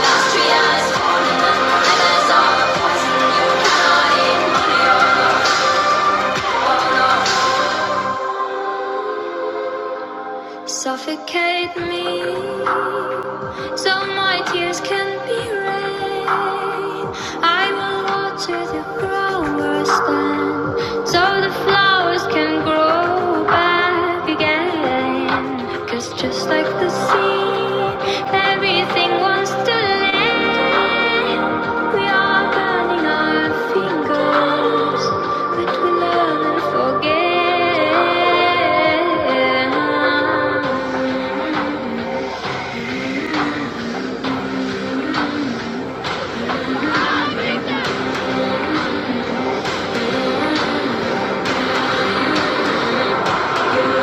S2: us. Three eyes for poison. You cannot suffocate me. So my tears can be rain. I will water the growers then, so the flowers can grow back again. Cause just like the sea, everything wants to land. We are burning our fingers, but we learn and forget.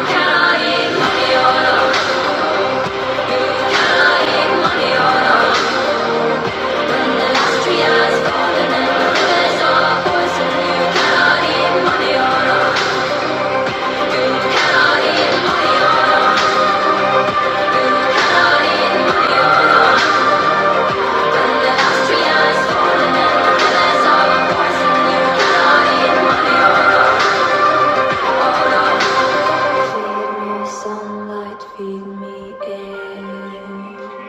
S2: Crying, we are. Sunlight, feed me air,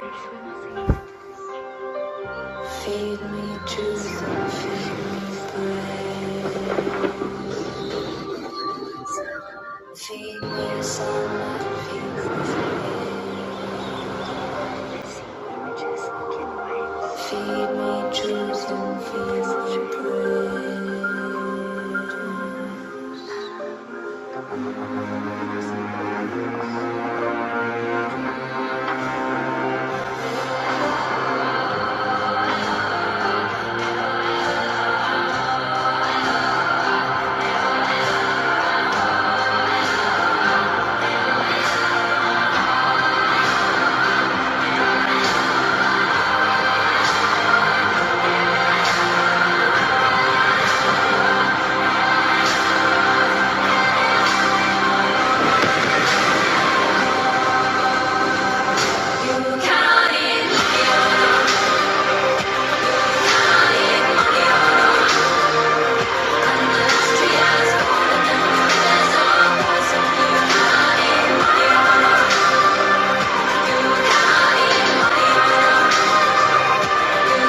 S2: feed me truth, feed me bread. Feed me a song, feed me, feed me. Feed